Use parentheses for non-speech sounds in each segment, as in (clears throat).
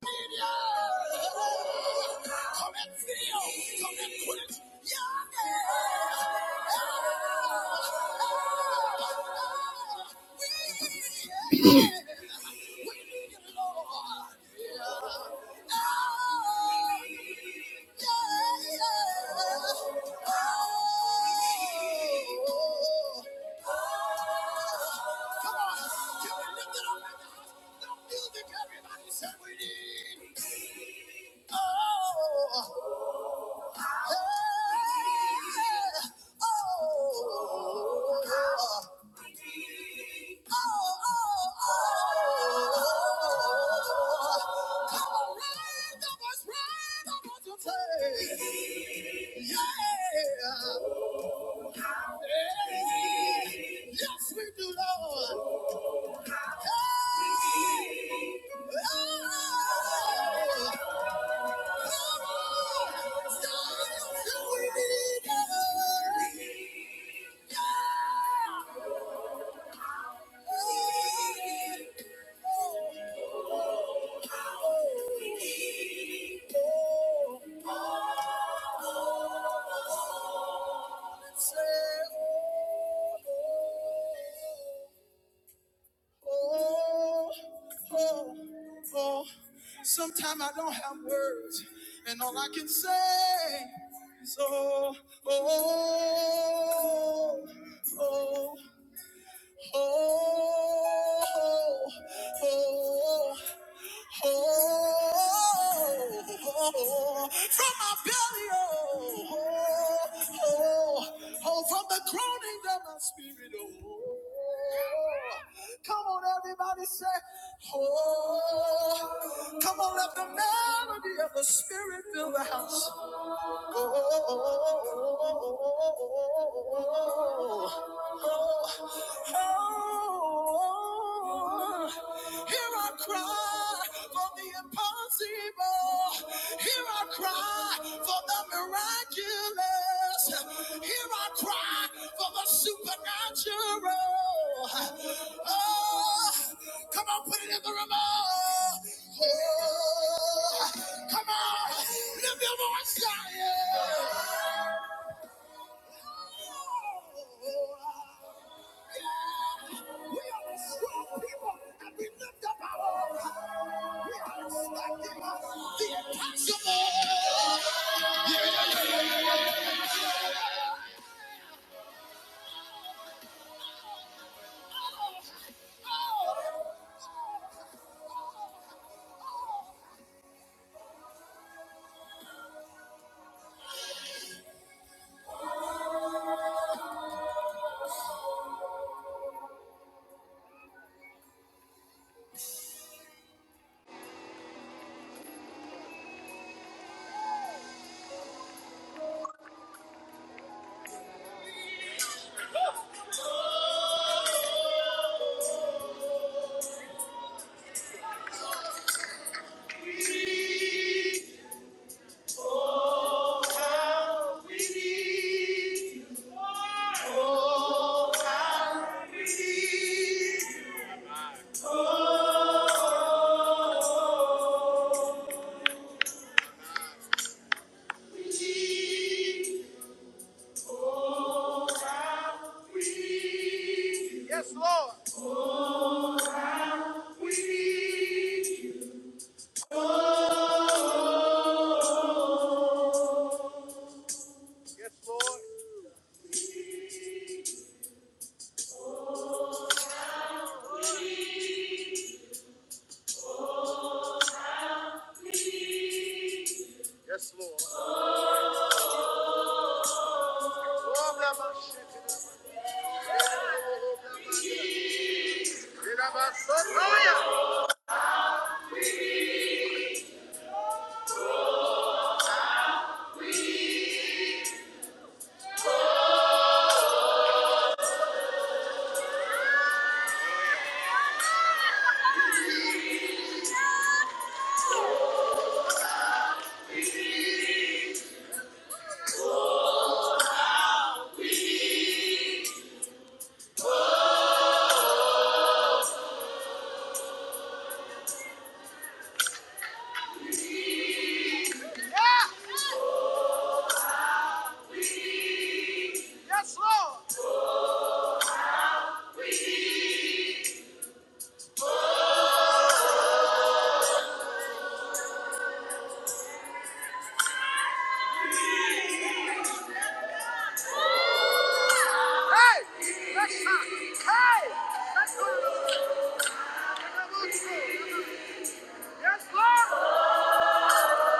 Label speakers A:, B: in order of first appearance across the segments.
A: Come and feel, come and quit. Yeah. Yeah. We need you, Lord. Yeah. Yeah. Yeah. Oh! Yes, we do, Lord. Hey! Oh, Oh, oh, oh. Sometimes I don't have words, and all I can say is oh, oh, oh, oh, oh. oh. Oh, oh, oh, from my belly, oh, oh, oh, oh, from the groanings of my spirit, oh. oh. Come on, everybody, say, oh. Come on, let the melody of the spirit fill the house here I cry for the Impossible. Here I cry for the miraculous. Here I cry for the supernatural. Oh, come on, put it in the room. Oh, oh, come on, lift your voice, Zion. We are a strong people, and we lift up our. voice. We are expecting the impossible. Yes, Lord. We need you. Yes, Lord. Yes, Lord. Oh, Rabba, shit, oh, Rabba, Rabba, Soroya. Yeah. Yes, Lord. Hey, let's not. Hey, let's go. Yes, Lord.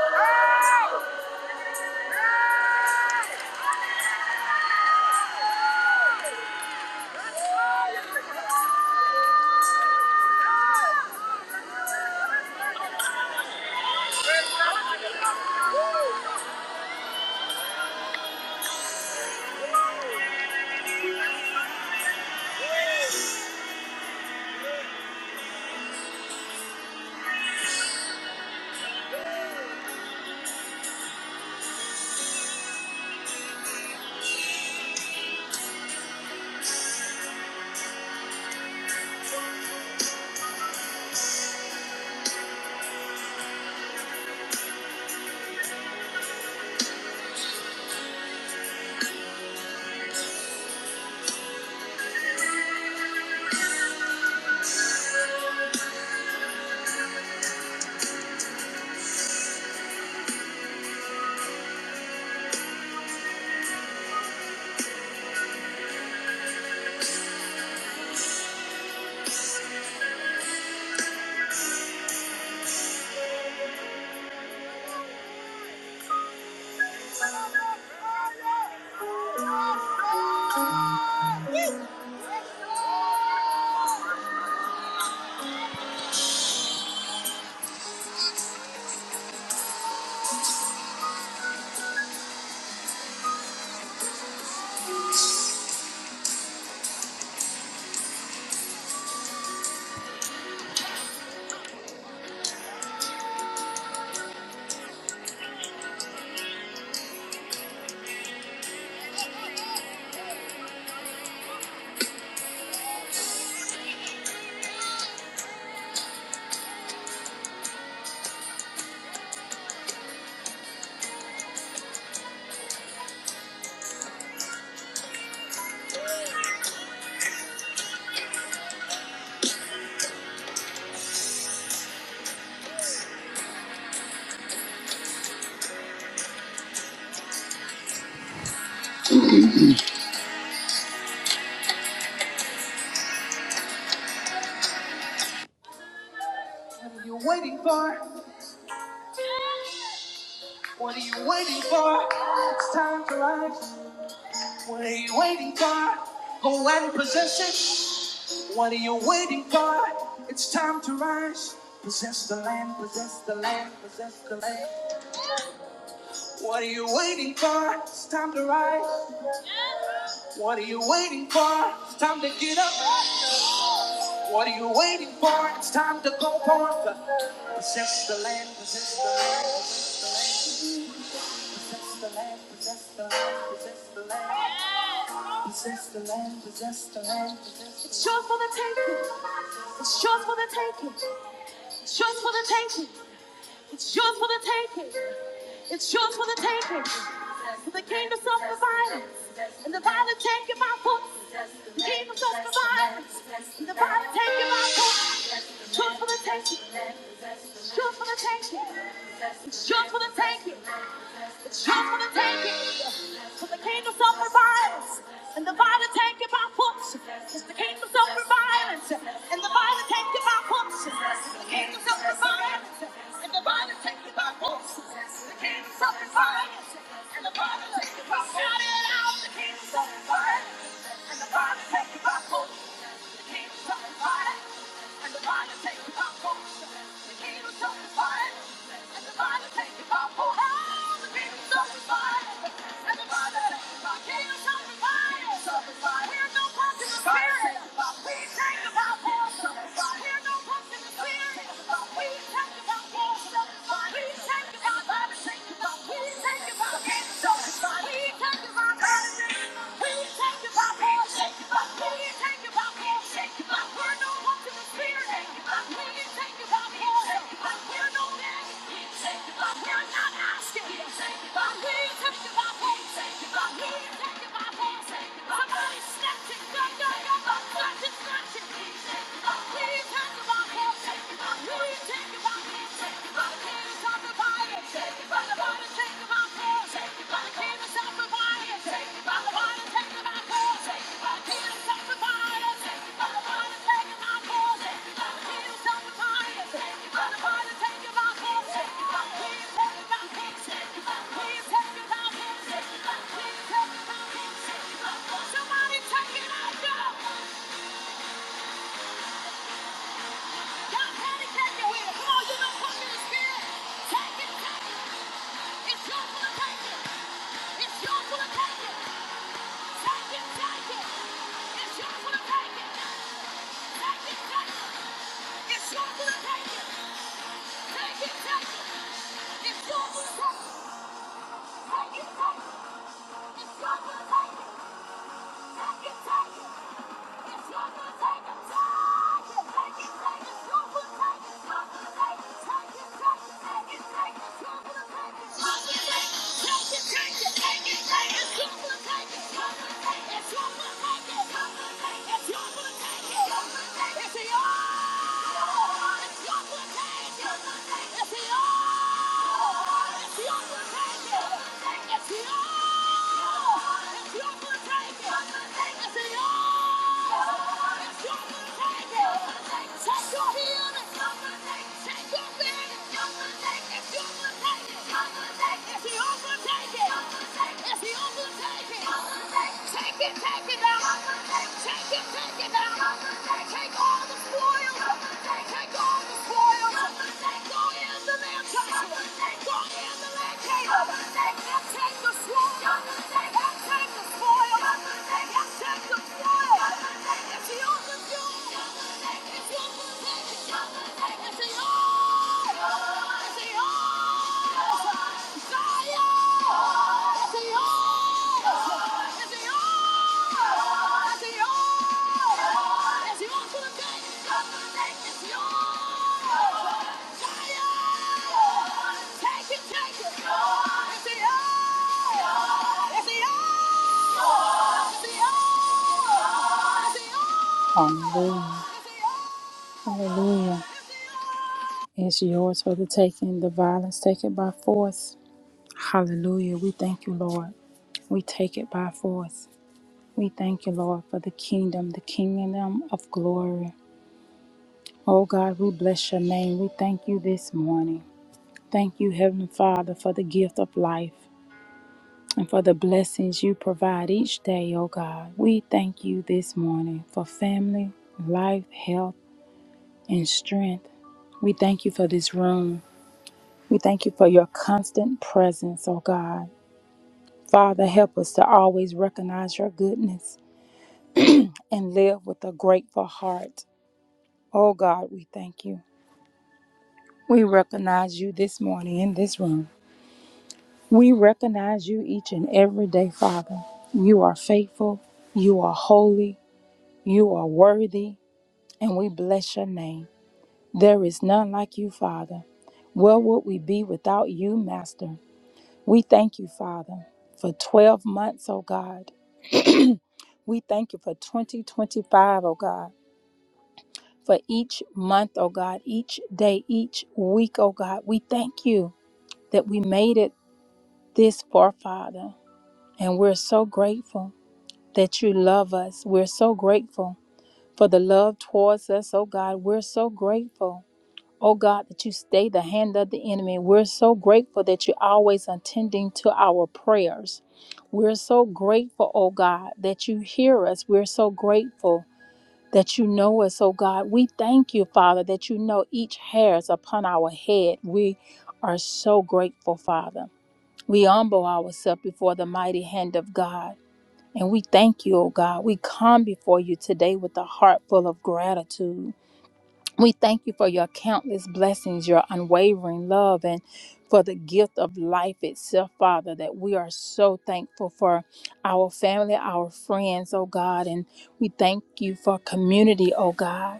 A: Oh. What are you waiting for? What are you waiting for? It's time to rise. What are you waiting for? Go and possess it. What are you waiting for? It's time to rise. Possess the land, possess the land, possess the land. What are you waiting for? It's time to rise. What are you waiting for? It's time to get up. What are you waiting for? It's time to go forth. Possess the land, possess the land, possess the land. Possess the land, possess the land, possess the land. Possess the land, possess the land. It's yours for the taking. It's yours for the taking. It's yours for the taking. It's yours for the taking. It's yours for the taking. For the kingdom suffers violence, and the violence take my by The kingdom suffers violence, and the violence take my by force. It's yours for the taking. It's yours for the taking. It's yours for the taking. It's time for the taking. For the kingdom suffer violence. And the violence take it by force. It's the kingdom suffer violence. And the violence take it by force. It's the kingdom suffer violence. And the violence take it by force. It's the kingdom suffer violence. And the violence take it by force. Shout it out. The kingdom suffer violence. And the violence take it by force. Thank you. Take it by Somebody take it out, y'all! Y'all can't take it with it. Come on, you know, come in the spirit. Take it. It's yours for the taking. It's yours for the taking. Take it, take it. It's yours for the taking. Take it, take it. It's yours for the taking. Take it, take it. It's yours for the Take it, take it. It's yours for the It's your Take it, take it out. Take it, take it take all the spoils. take all the spoils. They in the land Joshua. They in the land take the take the spoil. take the spoil. It's yours, it's yours. It's yours. It's yours. Hallelujah. Hallelujah. It's yours for the taking. The violence taken by force. Hallelujah. We thank you, Lord. We take it by force. We thank you, Lord, for the kingdom, the kingdom of glory. Oh God, we bless your name. We thank you this morning. Thank you, Heavenly Father, for the gift of life and for the blessings you provide each day, oh God. We thank you this morning for family, life, health, and strength. We thank you for this room. We thank you for your constant presence, oh God. Father, help us to always recognize your goodness and live with a grateful heart. Oh God, we thank you. We recognize you this morning in this room. We recognize you each and every day, Father. You are faithful, you are holy, you are worthy, and we bless your name. There is none like you, Father. Where would we be without you, Master? We thank you, Father, for 12 months, oh God. We thank you for 2025, O God, for each month, oh God, each day, each week, oh God. We thank you that we made it this forefather. And we're so grateful that you love us. We're so grateful for the love towards us, oh God. We're so grateful, oh God, that you stay the hand of the enemy. We're so grateful that you're always attending to our prayers. We're so grateful, oh God, that you hear us. We're so grateful. That you know us, oh God. We thank you, Father, that you know each hairs upon our head. We are so grateful, Father. We humble ourselves before the mighty hand of God, and we thank you, O God. We come before you today with a heart full of gratitude. We thank you for your countless blessings, your unwavering love, and for the gift of life itself, Father, that we are so thankful for our family, our friends, oh God, and we thank you for community, oh God.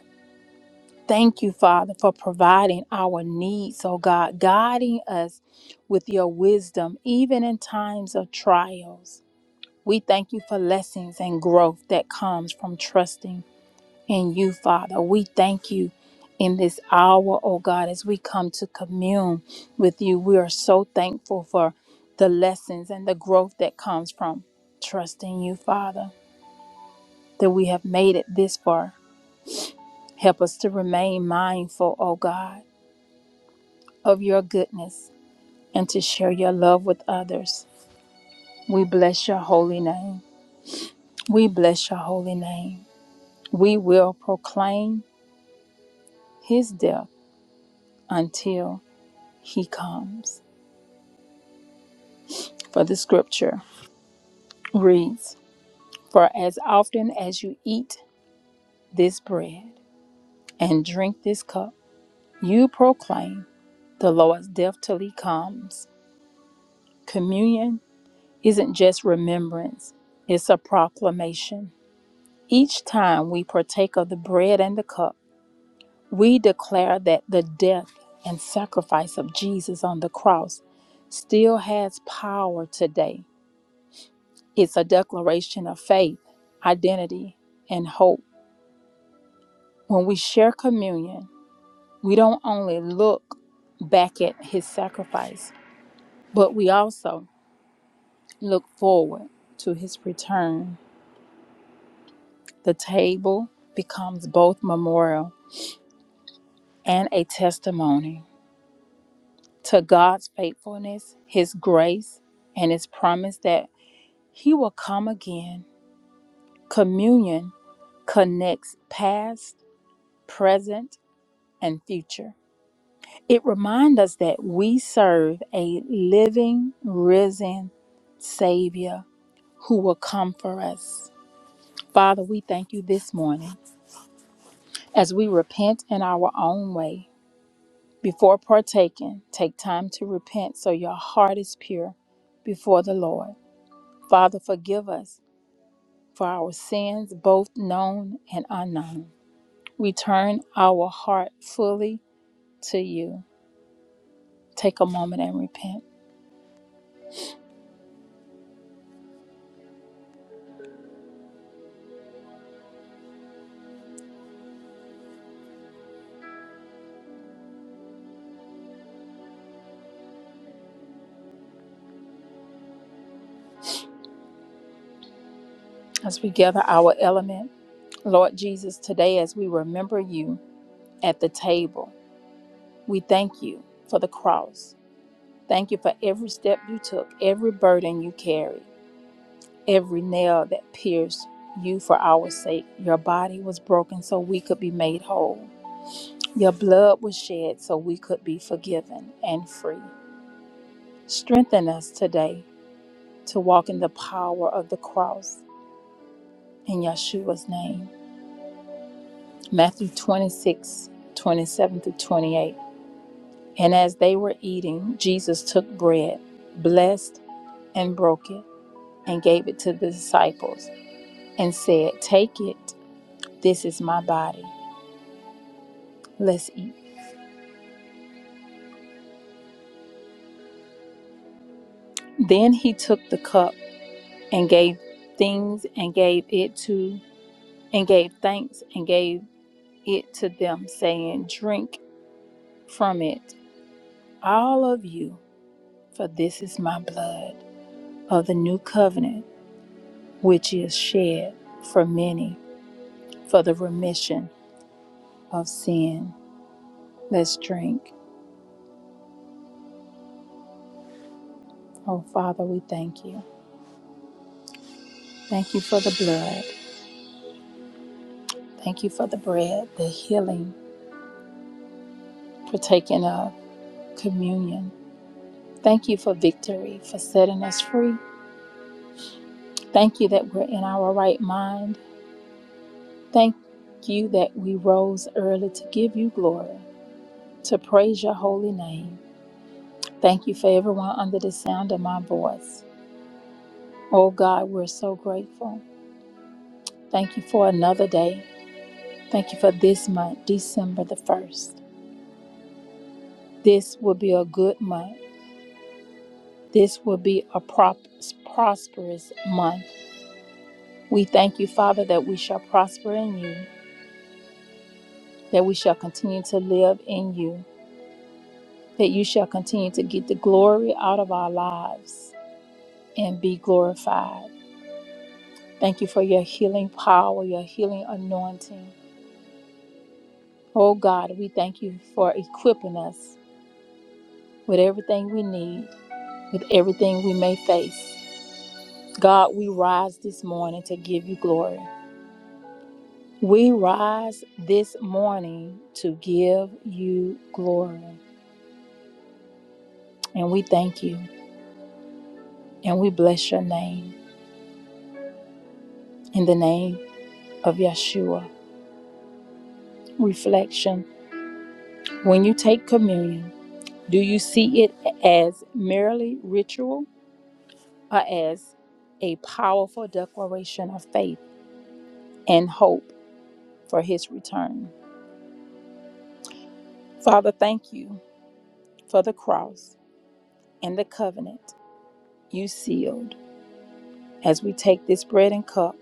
A: Thank you, Father, for providing our needs, oh God, guiding us with your wisdom, even in times of trials. We thank you for lessons and growth that comes from trusting in you, Father. We thank you in this hour, oh God, as we come to commune with you. We are so thankful for the lessons and the growth that comes from trusting you, Father, that we have made it this far. Help us to remain mindful, oh God of your goodness and to share your love with others. We bless your holy name. We bless your holy name. We will proclaim his death until he comes. For the scripture reads For as often as you eat this bread and drink this cup, you proclaim the Lord's death till he comes. Communion isn't just remembrance, it's a proclamation Each time we partake of the bread and the cup, we declare that the death and sacrifice of Jesus on the cross still has power today. It's a declaration of faith, identity, and hope. When we share communion, we don't only look back at his sacrifice, but we also look forward to his return. The table becomes both memorial and a testimony to God's faithfulness, His grace, and His promise that He will come again. Communion connects past, present, and future. It reminds us that we serve a living, risen Savior who will come for us. Father, we thank you this morning as we repent in our own way. Before partaking, take time to repent so your heart is pure before the Lord. Father, forgive us for our sins, both known and unknown. We turn our heart fully to you. Take a moment and repent as we gather our element. Lord Jesus, today as we remember you at the table, we thank you for the cross. Thank you for every step you took, every burden you carried, every nail that pierced you for our sake. Your body was broken so we could be made whole. Your blood was shed so we could be forgiven and free. Strengthen us today to walk in the power of the cross in Yeshua's name. Matthew twenty six, twenty seven 27 through 28. And as they were eating, Jesus took bread, blessed and broke it, and gave it to the disciples, and said, Take it, this is my body. Let's eat. Then he took the cup and gave things and gave it to and gave thanks and gave it to them, saying, Drink from it. all of you, for this is my blood of the new covenant, which is shed for many for the remission of sin. Let's drink. Oh, Father, we thank you. Thank you for the blood. Thank you for the bread, the healing, partaking of communion. Thank you for victory, for setting us free. Thank you that we're in our right mind. Thank you that we rose early to give you glory, to praise your holy name. Thank you for everyone under the sound of my voice. Oh God, we're so grateful. Thank you for another day. Thank you for this month, December the 1st. This will be a good month. This will be a prop- prosperous month. We thank you, Father, that we shall prosper in you, that we shall continue to live in you, that you shall continue to get the glory out of our lives and be glorified. Thank you for your healing power, your healing anointing. Oh God, we thank you for equipping us with everything we need, with everything we may face. God, we rise this morning to give you glory. We rise this morning to give you glory. And we thank you and we bless your name in the name of Yeshua. Reflection When you take communion, do you see it as merely ritual or as a powerful declaration of faith and hope? for his return. Father, thank you for the cross and the covenant you sealed. As we take this bread and cup,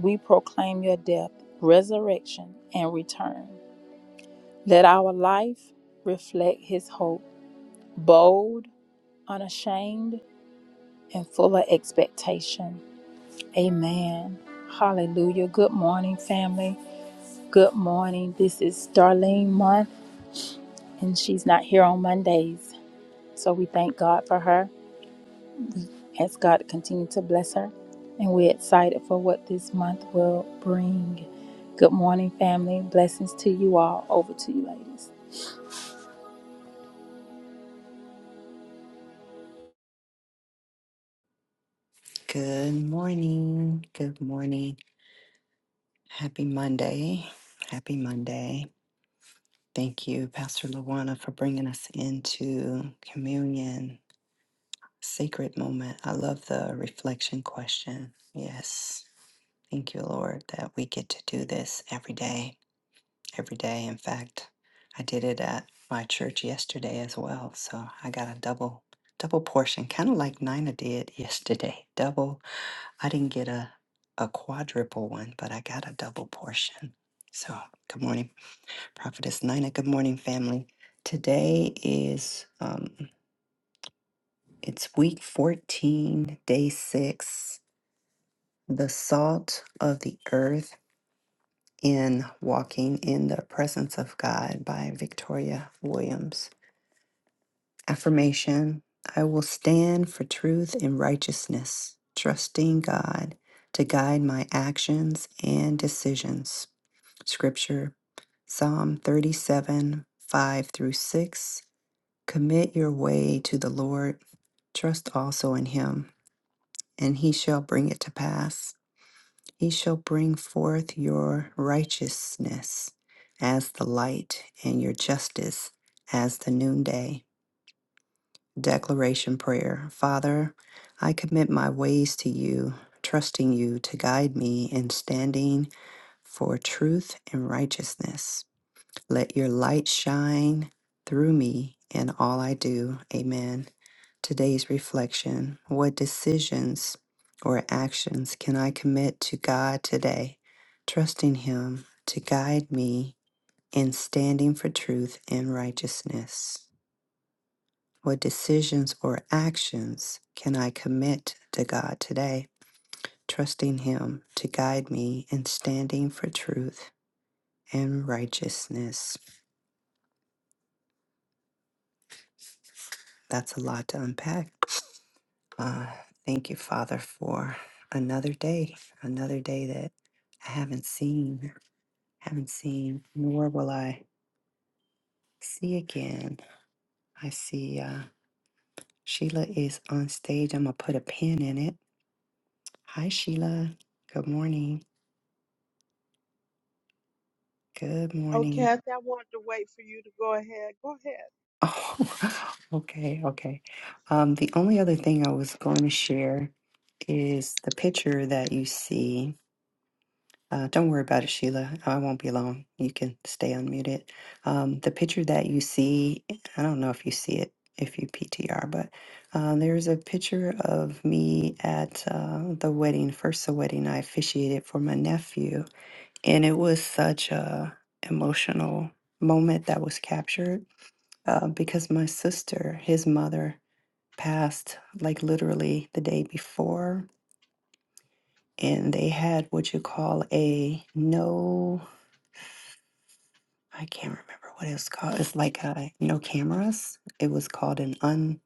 A: we proclaim your death, resurrection, and return. Let our life reflect his hope, bold, unashamed, and full of expectation. Amen. Hallelujah. Good morning, family. Good morning. This is Darlene Month, and she's not here on Mondays. So we thank God for her. as God continue to bless her. And we're excited for what this month will bring. Good morning, family. Blessings to you all. Over to you, ladies.
B: Good morning. Good morning. Happy Monday. Happy Monday. Thank you, Pastor Luana, for bringing us into communion, sacred moment. I love the reflection question. Yes. Thank you, Lord, that we get to do this every day. Every day. In fact, I did it at my church yesterday as well. So I got a double double portion, kind of like Nina did yesterday. Double I didn't get a, a quadruple one, but I got a double portion. So, good morning, Prophetess Nina. Good morning, family. Today is um, it's week fourteen, day six. The salt of the earth in walking in the presence of God by Victoria Williams. Affirmation: I will stand for truth and righteousness, trusting God to guide my actions and decisions. scripture Psalm 37 5 through 6. Commit your way to the Lord, trust also in him, and he shall bring it to pass. He shall bring forth your righteousness as the light, and your justice as the noonday. Declaration Prayer Father, I commit my ways to you, trusting you to guide me in standing for truth and righteousness. Let your light shine through me in all I do. Amen. Today's reflection What decisions or actions can I commit to God today, trusting Him to guide me in standing for truth and righteousness? What decisions or actions can I commit to God today, trusting Him to guide me in standing for truth and righteousness? That's a lot to unpack. Uh, thank you, Father, for another day, another day that I haven't seen, haven't seen, nor will I see again. I see uh, Sheila is on stage. I'm going to put a pin in it. Hi, Sheila. Good morning. Good
C: Oh,
B: morning.
C: Kathy, I wanted to wait for you to go ahead. Go ahead.
B: Oh, (laughs) okay, okay. Um, the only other thing I was going to share is the picture that you see. Uh, don't worry about it, Sheila. I won't be long. You can stay unmuted. Um, the picture that you see, I don't know if you see it if you PTR, but uh, there's a picture of me at uh, the wedding, first the wedding I officiated for my nephew, and it was such a emotional moment that was captured uh, because my sister, his mother, passed like literally the day before, and they had what you call a no I can't remember what it was called. It's like uh, no cameras. It was called an un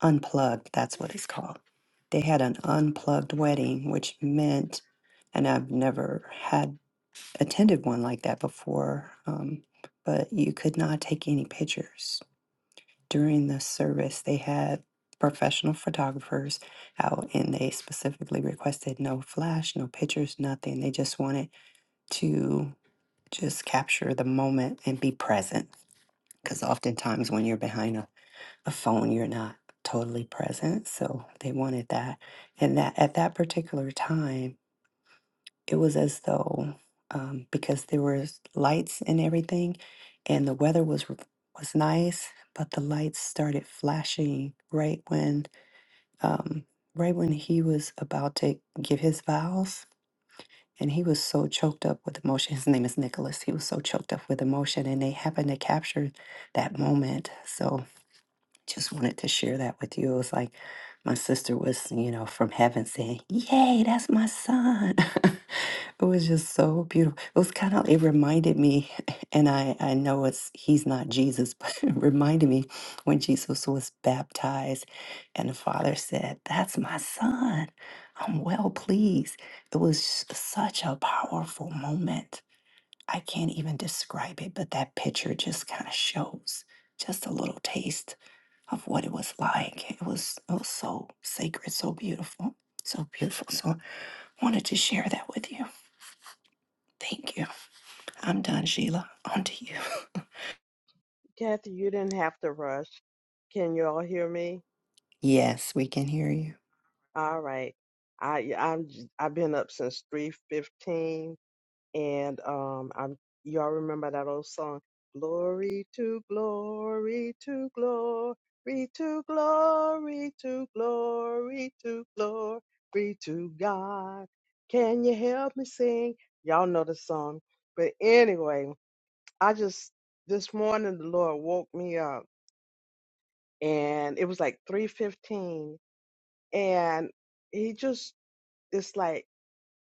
B: unplugged. That's what it's called. They had an unplugged wedding, which meant, and I've never had attended one like that before. Um, but you could not take any pictures during the service. They had professional photographers out, and they specifically requested no flash, no pictures, nothing. They just wanted to just capture the moment and be present because oftentimes when you're behind a, a phone you're not totally present so they wanted that and that at that particular time it was as though um, because there was lights and everything and the weather was r- was nice but the lights started flashing right when um, right when he was about to give his vows and he was so choked up with emotion (laughs) his name is nicholas he was so choked up with emotion and they happened to capture that moment so just wanted to share that with you. It was like my sister was, you know, from heaven saying, Yay, that's my son. (laughs) it was just so beautiful. It was kind of, it reminded me, (laughs) and I, I know it's, he's not Jesus, (laughs) but it reminded me when Jesus was baptized and the father said, That's my son. I'm well pleased. It was s- such a powerful moment. I can't even describe it, but that picture just kind of shows just a little taste of what it was like. It was it was so sacred, so beautiful, so beautiful. So I wanted to share that with you. Thank you. I'm done, Sheila. On to you.
C: Kathy, you didn't have to rush. Can you all hear me?
B: Yes, we can hear you.
C: All right. I yeah, I'm j- I've been up since 3:15 and um I'm y'all remember that old song Glory to glory to glory to glory to glory to glory to God. Can you help me sing? Y'all know the song. But anyway, I just this morning the Lord woke me up and it was like 3:15 and he just it's like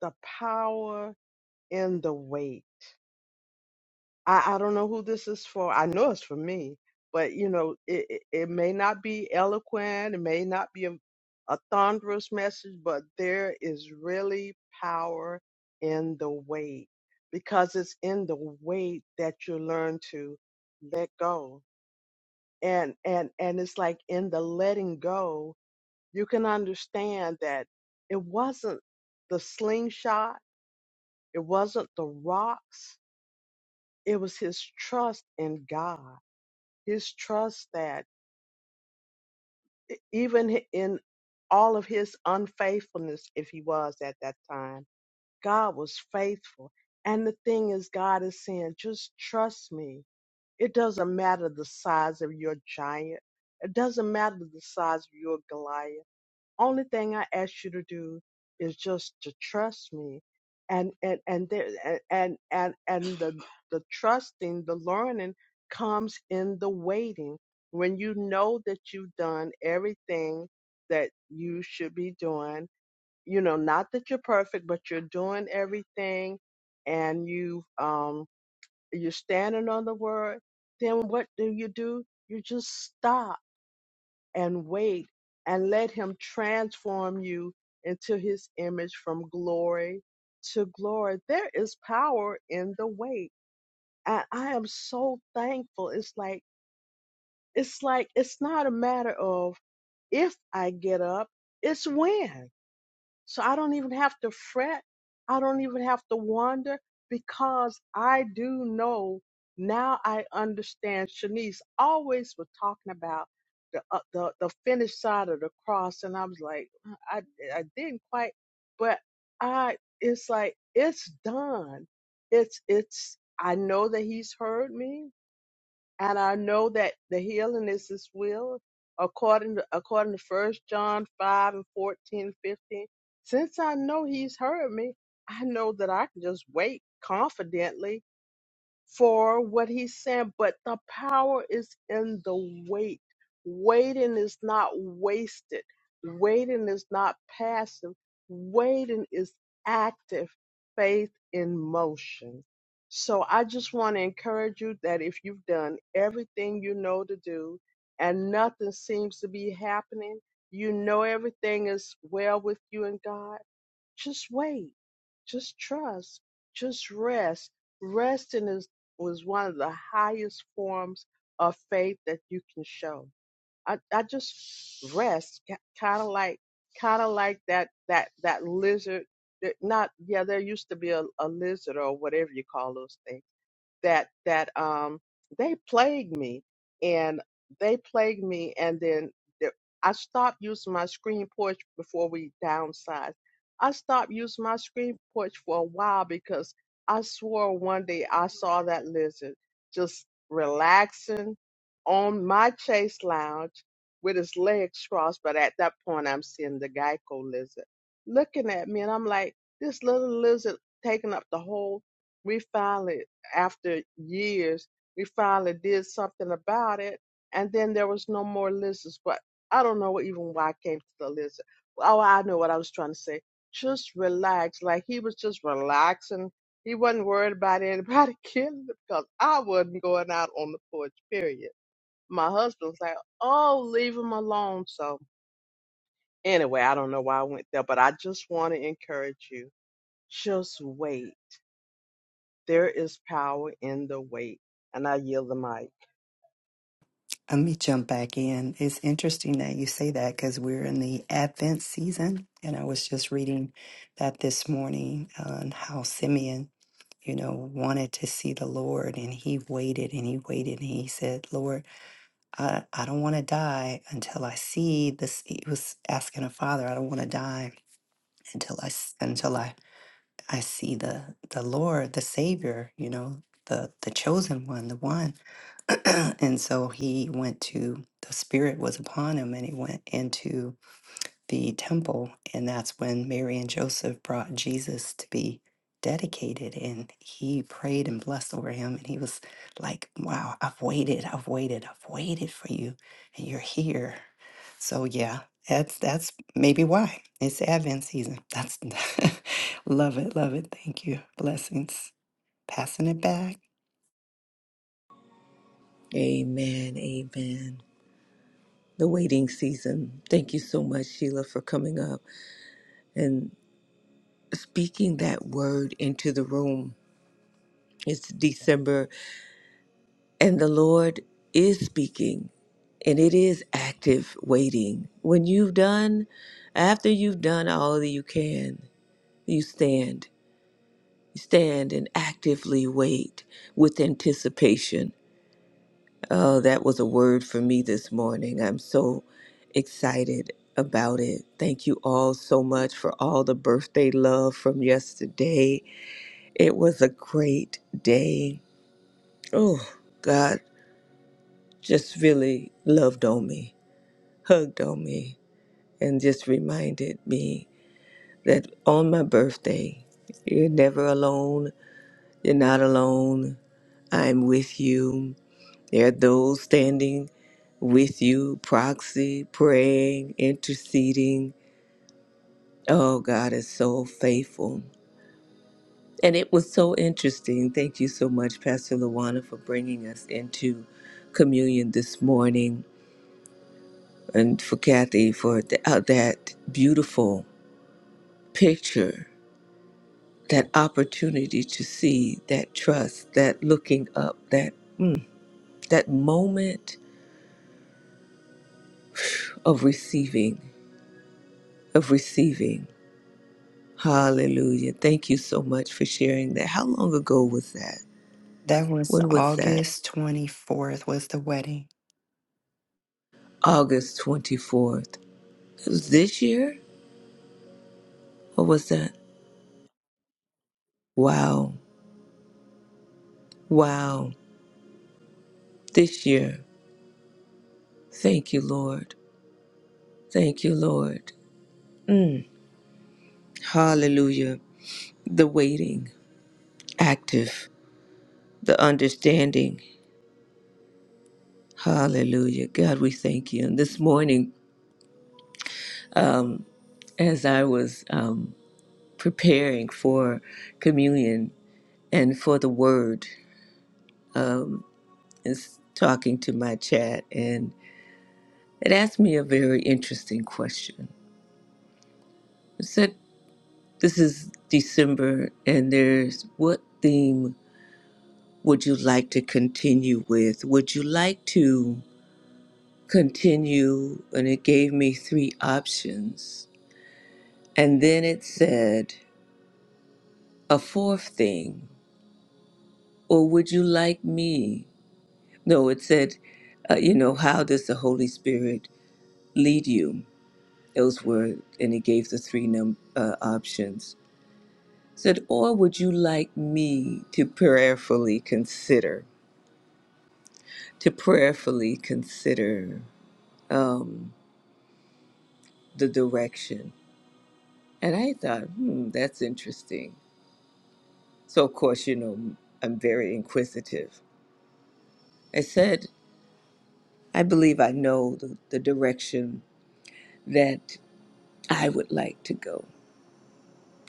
C: the power in the weight. I I don't know who this is for. I know it's for me, but you know it it, it may not be eloquent, it may not be a, a thunderous message, but there is really power in the weight because it's in the weight that you learn to let go and and and it's like in the letting go you can understand that it wasn't the slingshot it wasn't the rocks it was his trust in god his trust that e- even in all of his unfaithfulness if he was at that time god was faithful and the thing is god is saying just trust me it doesn't matter the size of your giant it doesn't matter the size of your goliath only thing I ask you to do is just to trust me. And and and there and and and and the the trusting, the learning comes in the waiting. When you know that you've done everything that you should be doing, you know, not that you're perfect, but you're doing everything and you um you're standing on the word, then what do you do? You just stop and wait and let him transform you into his image from glory to glory. There is power in the wait. And I am so thankful. It's like, it's like, it's not a matter of if I get up, it's when. So I don't even have to fret. I don't even have to wonder because I do know now I understand. Shanice always was talking about the, uh, the, the finished side of the cross. And I was like, "Uh, I, I didn't quite, but I, it's like, it's done. It's, it's, I know that he's heard me. And I know that the healing is his will, according to, according to First John 5 and 14, 15. Since I know he's heard me, I know that I can just wait confidently for what he said, but the power is in the wait. Waiting is not wasted. Waiting is not passive. Waiting is active faith in motion. So I just want to encourage you that if you've done everything you know to do and nothing seems to be happening, you know everything is well with you and God just wait. Just trust. Just rest. Resting is was one of the highest forms of faith that you can show. I, I just rest, kind of like kind of like that that that lizard. that- Not yeah, there used to be a, a lizard or whatever you call those things that that um they plagued me and they plagued me and then the- I stopped using my screen porch before we downsized. I stopped using my screen porch for a while because I swore one day I saw that lizard just relaxing on my chase lounge with his legs crossed. But at that point, I'm seeing the Geico lizard looking at me, and I'm like, this little lizard taking up the whole. We finally after years, we finally did something about it, and then there was no more lizards. But I don't know even why I came to the lizard. Oh, I know what I was trying to say. Just relax. Like he was just relaxing. He wasn't worried about anybody (laughs) killing him because I wasn't going out on the porch, period. My husband was like, oh, leave him alone. So anyway, I don't know why I went there, but I just want to encourage you. Just wait. There is power in the wait. And I yield the mic.
B: Let me jump back in. It's interesting that you say that because we're in the Advent season, and I was just reading that this morning on how Simeon, you know, wanted to see the Lord, and he waited and he waited, and he said, "Lord." I, I don't want to die until I see this. He was asking her father, I don't want to die until I s- until I, I see the the Lord, the Savior, you know, the the chosen one, the one. (clears throat) and so he went to the Spirit was upon him, and he went into the temple, and that's when Mary and Joseph brought Jesus to be dedicated. And he prayed and blessed over him. And he was like, Wow, I've waited, I've waited, I've waited for you, and you're here. So, yeah, that's that's maybe why it's Advent season. That's (laughs) love it, love it. Thank you. Blessings. Passing it back.
D: Amen. Amen. The waiting season. Thank you so much, Sheila, for coming up and speaking that word into the room. It's December, and the Lord is speaking, and it is active waiting. When you've done, after you've done all that you can, you stand. You stand and actively wait with anticipation Oh, that was a word for me this morning. I'm so excited about it. Thank you all so much for all the birthday love from yesterday. It was a great day. Oh, God just really loved on me, hugged on me, and just reminded me that on my birthday, you're never alone. You're not alone. I'm with you. There are those standing with you, proxy, praying, interceding. Oh, God is so faithful. And it was so interesting. Thank you so much, Pastor Luana, for bringing us into communion this morning and for Kathy for th- uh, that beautiful picture, that opportunity to see that trust, that looking up, that, mm, that moment of receiving, of receiving. Hallelujah. Thank you so much for sharing that. How long ago was that?
B: That was
D: When was that?
B: August 24th, was the wedding.
D: August 24th. It was this year? Or was that? Wow. Wow. This year. Thank you, Lord. Thank you, Lord. Mm. Hallelujah. The waiting, active, the understanding. Hallelujah. God, we thank you. And this morning, um, as I was um, preparing for communion and for the word, um, is talking to my chat, and it asked me a very interesting question. It said, This is December, and there's what theme would you like to continue with? Would you like to continue? And it gave me three options. And then it said, A fourth thing, or would you like me? No, it said, uh, You know, how does the Holy Spirit lead you? Those were, and he gave the three num- uh, options. Said, or would you like me to prayerfully consider, to prayerfully consider um, the direction? And I thought, hmm, that's interesting. So, of course, you know, I'm very inquisitive. I said, I believe I know the, the direction that I would like to go.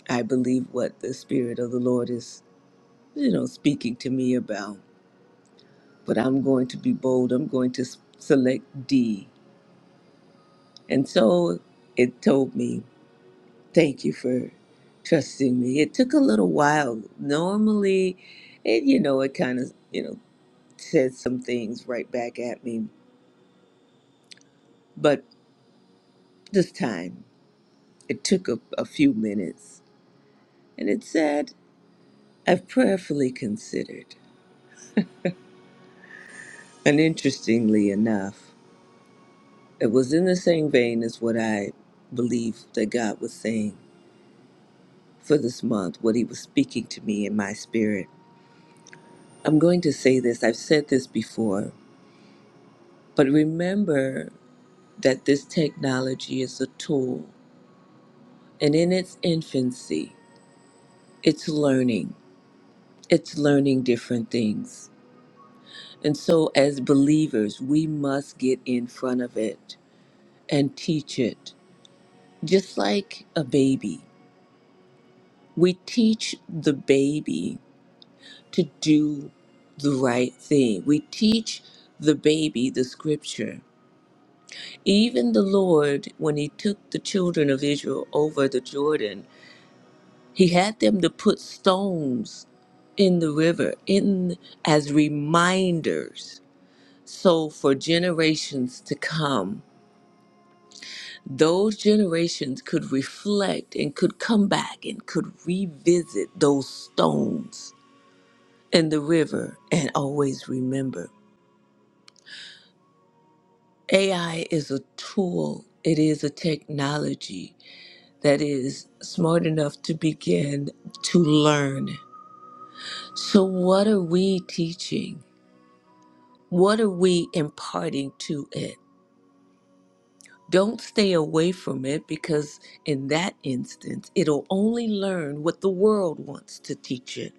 D: I believe what the Spirit of the Lord is, you know, speaking to me about. but I'm going to be bold. I'm going to s- select D. And so it told me, thank you for trusting me. It took a little while. Normally, it, you know, it kind of, you know, said some things right back at me. But this time, it took a, a few minutes. And it said, I've prayerfully considered. And interestingly enough, it was in the same vein as what I believe that God was saying. for this month, what He was speaking to me in my spirit. I'm going to say this, I've said this before, but remember that this technology is a tool and in its infancy, it's learning. It's learning different things. And so, as believers, we must get in front of it and teach it, just like a baby. We teach the baby to do the right thing. We teach the baby the scripture. Even the Lord, when He took the children of Israel over the Jordan, He had them to put stones in the river in as reminders so for generations to come those generations could reflect and could come back and could revisit those stones in the river and always remember AI is a tool, it is a technology that is smart enough to begin to learn. So, what are we teaching? What are we imparting to it? Don't stay away from it because, in that instance, it'll only learn what the world wants to teach it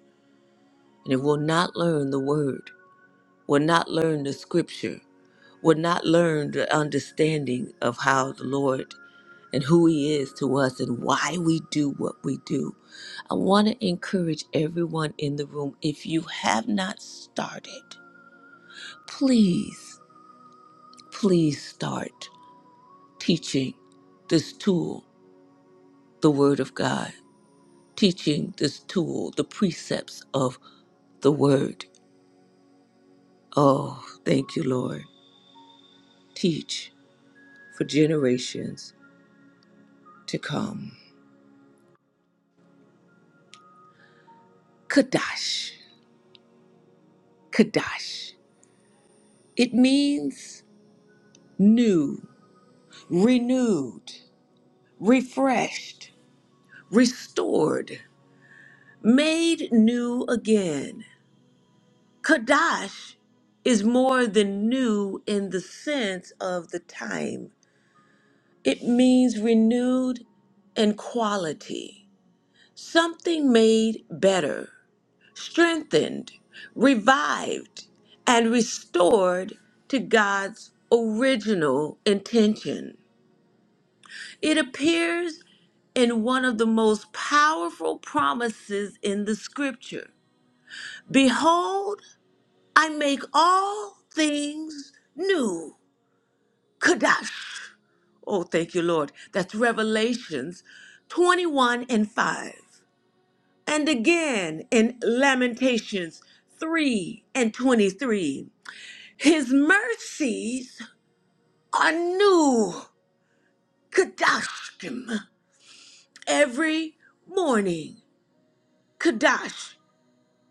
D: and it will not learn the word. will not learn the scripture, will not learn the understanding of how the Lord and who He is to us and why we do what we do. I want to encourage everyone in the room if you have not started, please, please start teaching this tool, the Word of God, teaching this tool, the precepts of the Word. Oh, thank you, Lord. Teach for generations to come. Kadash, Kadash. It means new, renewed, refreshed, restored, made new again. Kadash is more than new in the sense of the time, it means renewed and quality, something made better. strengthened, revived, and restored to God's original intention. It appears in one of the most powerful promises in the scripture Behold, I make all things new. Kadash. Oh, thank you, Lord. That's Revelations 21 and 5. And again in Lamentations 3 and 23. His mercies are new. Kadashkim. Every morning. Kadash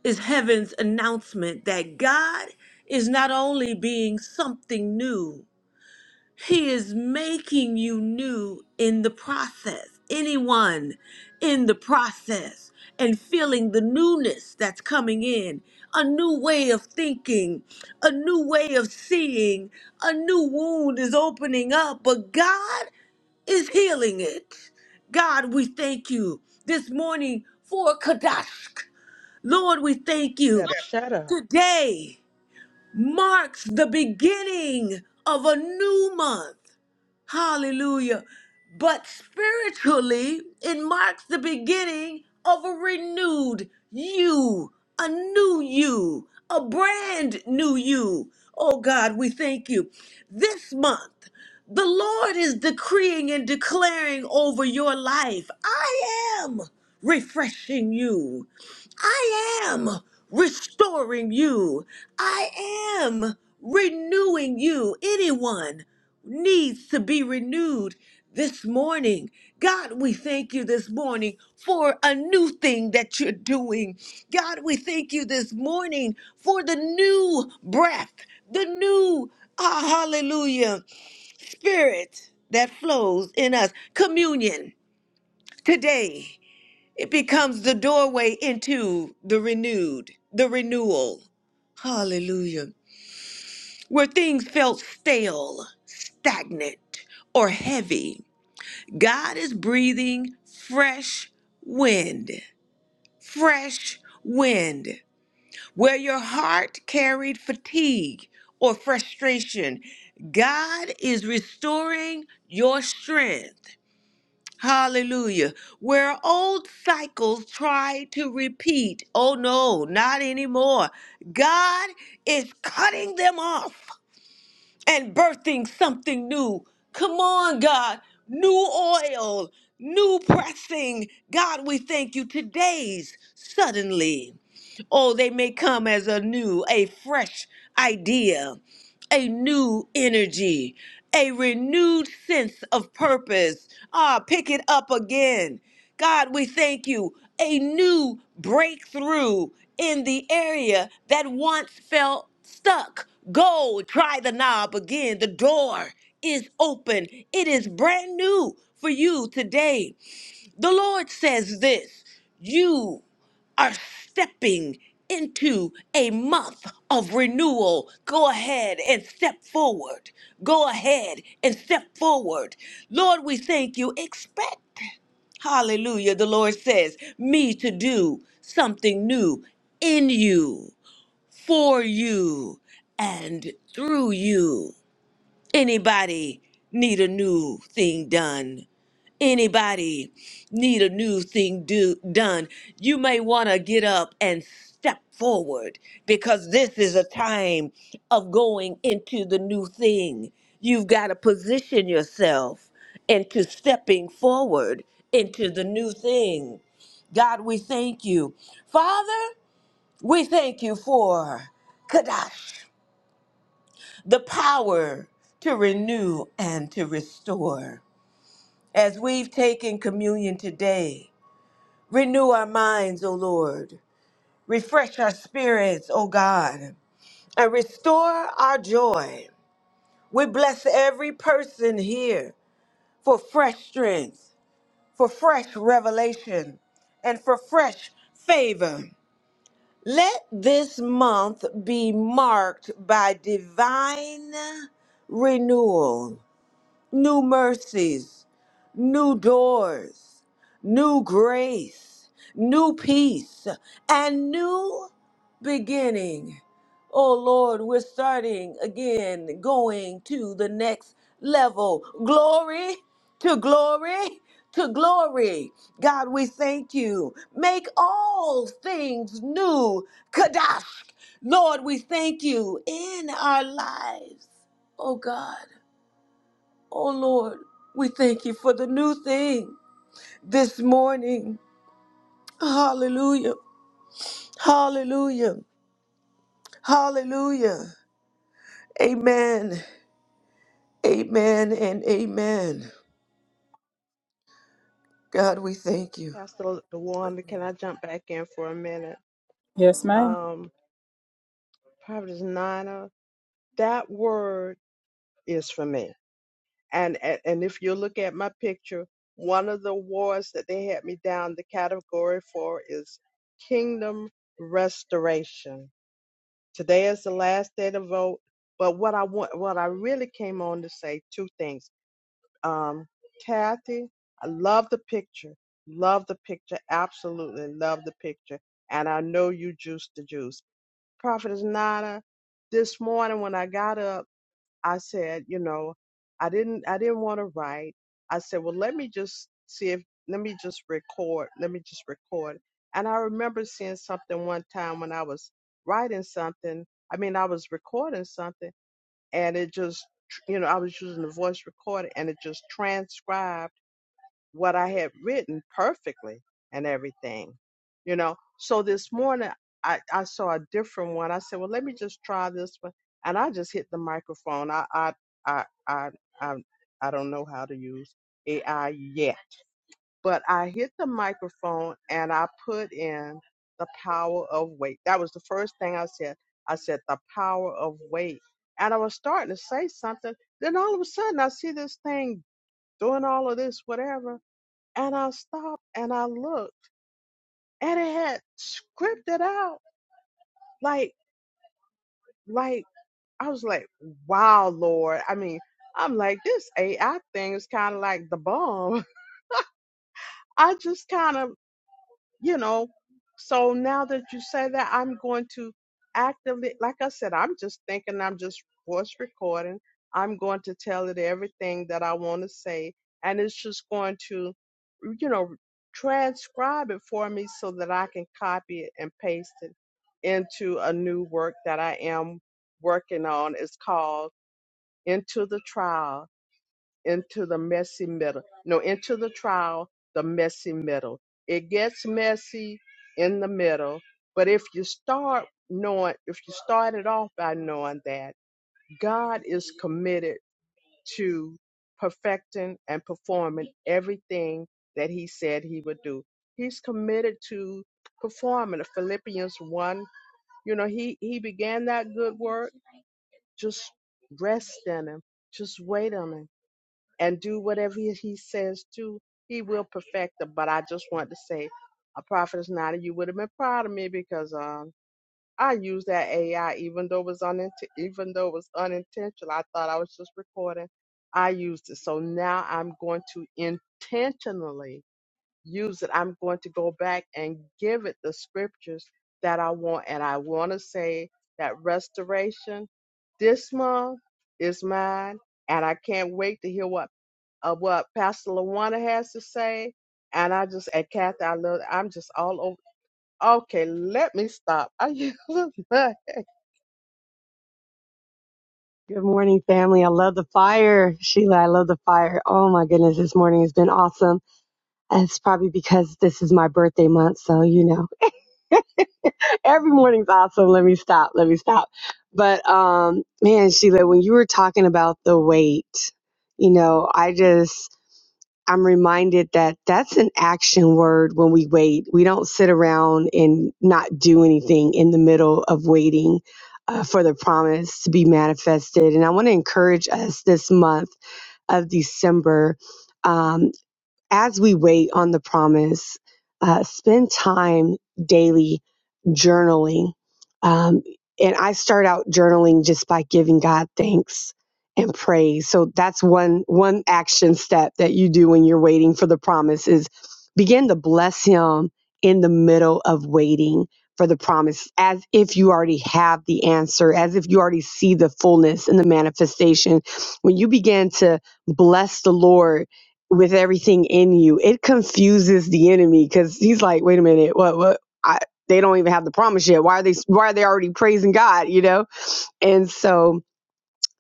D: is heaven's announcement that God is not only being something new, He is making you new in the process, anyone in the process, and feeling the newness that's coming in a new way of thinking, a new way of seeing, a new wound is opening up, but God is healing it. God, we thank you this morning for Kadashk. Lord, we thank
C: You
D: you.
C: better shut up.
D: Today marks the beginning of a new month. Hallelujah. But spiritually, it marks the beginning of a renewed you, a new you, a brand new you. Oh God, we thank you. This month, the Lord is decreeing and declaring over your life I am refreshing you. I am restoring you. I am renewing you. Anyone needs to be renewed this morning. God, we thank you this morning for a new thing that you're doing. God, we thank you this morning for the new breath, the new, ah, hallelujah, spirit that flows in us. Communion today. It becomes the doorway into the renewed, the renewal. Hallelujah. Where things felt stale, stagnant, or heavy, God is breathing fresh wind, fresh wind. Where your heart carried fatigue or frustration, God is restoring your strength. Hallelujah. Where old cycles try to repeat. Oh no, not anymore. God is cutting them off and birthing something new. Come on, God. New oil, new pressing. God, we thank you. Today's suddenly. Oh, they may come as a new, a fresh idea a new energy, a renewed sense of purpose. Ah, pick it up again. God, we thank you. A new breakthrough in the area that once felt stuck. Go try the knob again. The door is open, it is brand new for you today. The Lord says this you are stepping into a month of renewal. Go ahead and step forward. Go ahead and step forward. Lord, we thank you. Expect, hallelujah, the Lord says, me to do something new in you, for you, and through you. Anybody need a new thing done? anybody need a new thing do, done, you may want to get up and step forward because this is a time of going into the new thing. You've got to position yourself into stepping forward into the new thing. God, we thank you. Father, we thank you for Kadash, the power to renew and to restore. As we've taken communion today, Renew our minds, O Lord. Refresh our spirits, O God, and restore our joy. We bless every person here for fresh strength, for fresh revelation, and for fresh favor. Let this month be marked by divine renewal, new mercies, new doors, new grace, new peace, and new beginning. Oh Lord, we're starting again, going to the next level. Glory to glory to glory. God, we thank you. Make all things new. Kadash. Lord, we thank you in our lives. Oh God. Oh Lord, we thank you for the new thing this morning. Hallelujah. Hallelujah. Hallelujah. Amen. Amen and amen. God, we thank you.
C: Pastor DeWanda, can I jump back in for a minute?
A: Yes, ma'am.
C: Um, Providence Nina, that word is for me. And, and and if you look at my picture, one of the awards that they had me down the category for is Kingdom Restoration. Today is the last day to vote, but what I want, what I really came on to say, two things. Um, Kathy, I love the picture. Love the picture. Absolutely love the picture. And I know you juice the juice. Prophetess Nana, this morning when I got up, I said, you know, I didn't I didn't want to write. I said, well, let me just see if let me just record. Let me just record. And I remember seeing something one time when I was writing something. I mean, I was recording something and it just you know i was using the voice recorder and it just transcribed what i had written perfectly and everything you know so this morning i i saw a different one i said well let me just try this one and i just hit the microphone i i i i i, I don't know how to use ai yet but I hit the microphone and I put in the power of weight. That was the first thing I said. I said the power of weight. And I was starting to say something. Then all of a sudden I see this thing doing all of this, whatever. And I stopped and I looked and it had scripted out like, like, I was like, wow, Lord. I mean, I'm like, this AI thing is kind of like the bomb. (laughs) I just kind of you know so now that you say that i'm going to actively like i said i'm just thinking i'm just voice recording i'm going to tell it everything that i want to say and it's just going to you know transcribe it for me so that i can copy it and paste it into a new work that i am working on it's called into the trial into the messy middle. No, into the trial, the messy middle. It gets messy in the middle, but if you start knowing, if you start it off by knowing that God is committed to perfecting and performing everything that He said He would do, He's committed to performing. Philippians one, you know, He He began that good work. Just rest in Him. Just wait on Him and do whatever he he says to, he will perfect them. But I just want to say, a prophet is not, you would have been proud of me because um, I used that AI even though it was unint- even though it was unintentional. I thought I was just recording. I used it, so now I'm going to intentionally use it. I'm going to go back and give it the scriptures that I want, and I want to say that restoration this month is mine and I can't wait to hear what of what Pastor Lawana has to say. And I just, and Kathy, I love, I'm just all over. Okay, let me stop. (laughs) I yelled, but
E: Good morning, family. I love the fire. Sheila, I love the fire. Oh my goodness, this morning has been awesome. And it's probably because this is my birthday month. So, you know, (laughs) every morning's awesome. Let me stop. Let me stop. But, um, man, Sheila, when you were talking about the weight, you know, I just, I'm reminded that that's an action word when we wait. We don't sit around and not do anything in the middle of waiting uh, for the promise to be manifested. And I want to encourage us this month of December. Um, as we wait on the promise, uh, spend time daily journaling. Um, and I start out journaling just by giving God thanks and praise. So that's one one action step that you do when you're waiting for the promise is begin to bless Him in the middle of waiting for the promise, as if you already have the answer, as if you already see the fullness and the manifestation. When you begin to bless the Lord with everything in you. It confuses the enemy because he's like, wait a minute, what, what? I, they don't even have the promise yet. Why are they? Why are they already praising God? You know, and so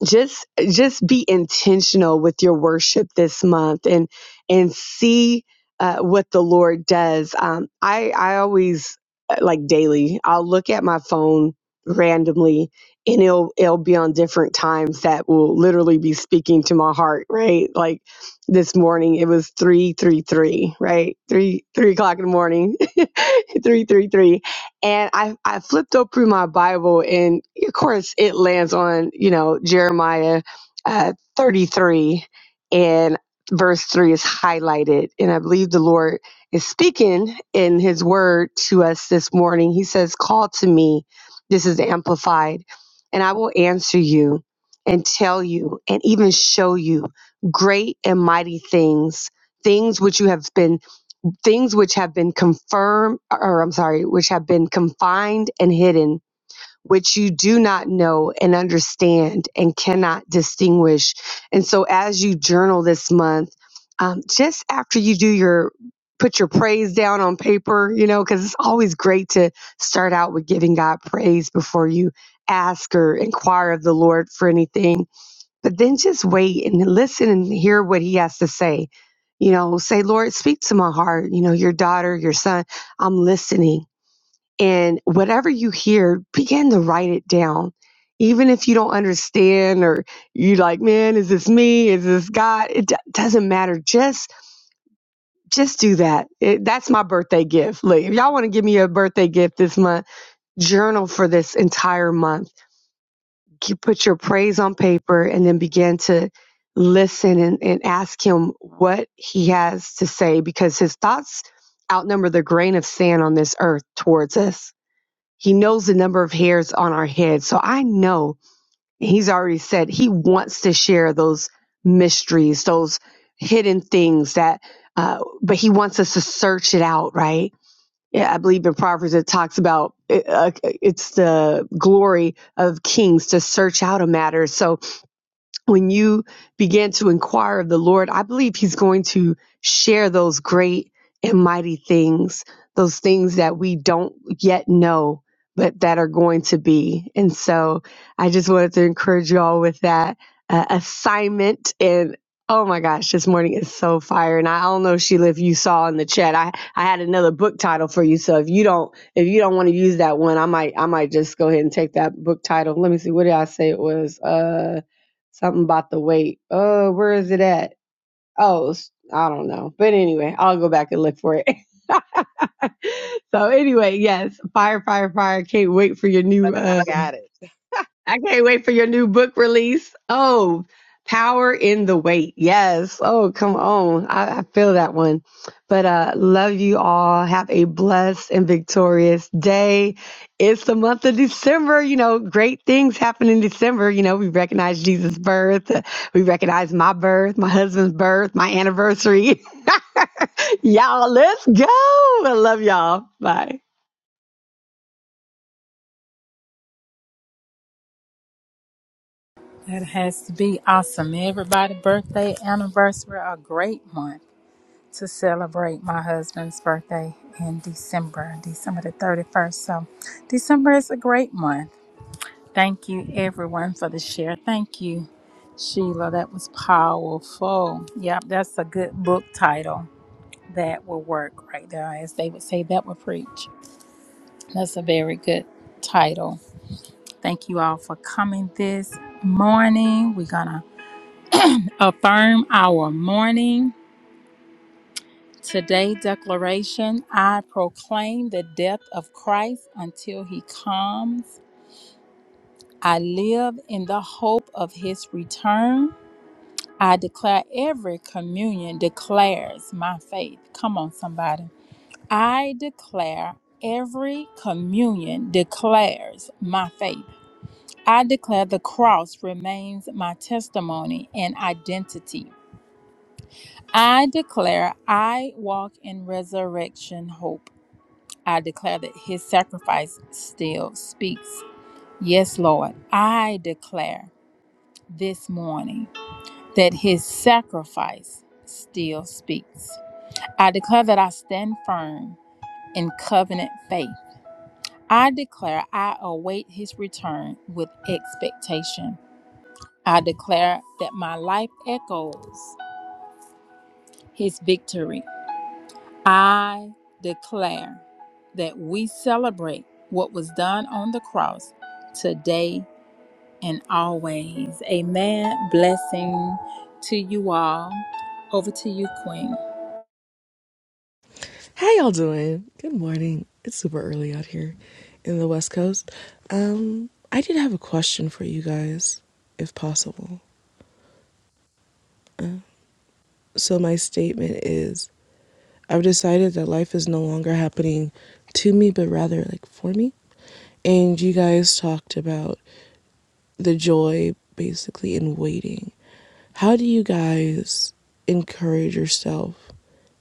E: just just be intentional with your worship this month and and see uh, what the lord does um i i always uh, like daily i'll look at my phone randomly and it'll it'll be on different times that will literally be speaking to my heart right like this morning it was 333 right 3 3 o'clock in the morning (laughs) 333 and i i flipped open my bible and of course, it lands on, you know, Jeremiah uh, 33 and verse 3 is highlighted. And I believe the Lord is speaking in his word to us this morning. He says, Call to me. This is amplified. And I will answer you and tell you and even show you great and mighty things things which you have been things which have been confirmed or I'm sorry which have been confined and hidden which you do not know and understand and cannot distinguish. And so, as you journal this month, um, just after you do your put your praise down on paper, you know, because it's always great to start out with giving God praise before you ask or inquire of the Lord for anything. But then just wait and listen and hear what He has to say. You know, say, Lord, speak to my heart. You know, your daughter, your son, I'm listening and whatever you hear, begin to write it down. Even if you don't understand or you are like, man, is this me? Is this God? It do- doesn't matter. Just just do that. It, that's my birthday gift. Like, if y'all want to give me a birthday gift this month, journal for this entire month. You put your praise on paper and then begin to listen and, and ask him what he has to say because his thoughts outnumber the grain of sand on this earth towards us he knows the number of hairs on our head. So I know he's already said he wants to share those mysteries, those hidden things that, uh, but he wants us to search it out, right? Yeah, I believe in Proverbs it talks about uh, uh, it's the glory of kings to search out a matter. So when you began to inquire of the Lord, I believe He's going to share those great and mighty things, those things that we don't yet know, but that are going to be. And so I just wanted to encourage you all with that uh, assignment and Oh my gosh, this morning is so fire. And I don't know, Sheila, if you saw in the chat. I, I had another book title for you. So if you don't if you don't want to use that one, I might I might just go ahead and take that book title. Let me see, what did I say it was? Uh, Something about the weight. Oh, where is it at? Oh, it's- I don't know. But anyway, I'll go back and look for it. (laughs) so anyway, yes, fire, fire, fire. Can't wait for your new
C: and
E: uh
C: I got it.
E: I can't wait for your new book release. Oh, Power in the Wait. Yes. Oh, come on. I, I feel that one. But uh love you all. Have a blessed and victorious day. It's the month of December. You know, great things happen in December. You know, we recognize Jesus' birth. We recognize my birth, my husband's birth, my anniversary. (laughs) y'all, let's go. I love y'all. Bye.
A: That has to be awesome. Everybody, birthday, anniversary, a great month to celebrate my husband's birthday in December, December the 31st. So, December is a great month. Thank you, everyone, for the share. Thank you, Sheila. That was powerful. Yep, that's a good book title. That will work right there. As they would say, that will preach. That's a very good title. Thank you all for coming this morning. We're going to affirm our morning. Today, declaration I proclaim the death of Christ until he comes. I live in the hope of his return. I declare every communion declares my faith. Come on, somebody. I declare every communion declares my faith. I declare the cross remains my testimony and identity. I declare I walk in resurrection hope. I declare that his sacrifice still speaks. Yes, Lord, I declare this morning that his sacrifice still speaks. I declare that I stand firm in covenant faith. I declare I await his return with expectation. I declare that my life echoes his victory. I declare that we celebrate what was done on the cross today and always. Amen. Blessing to you all. Over to you, Queen.
F: How y'all doing? Good morning. It's super early out here in the West Coast. Um, I did have a question for you guys, if possible. So my statement is I've decided that life is no longer happening to me, but rather like for me. And you guys talked about the joy basically in waiting. How do you guys encourage yourself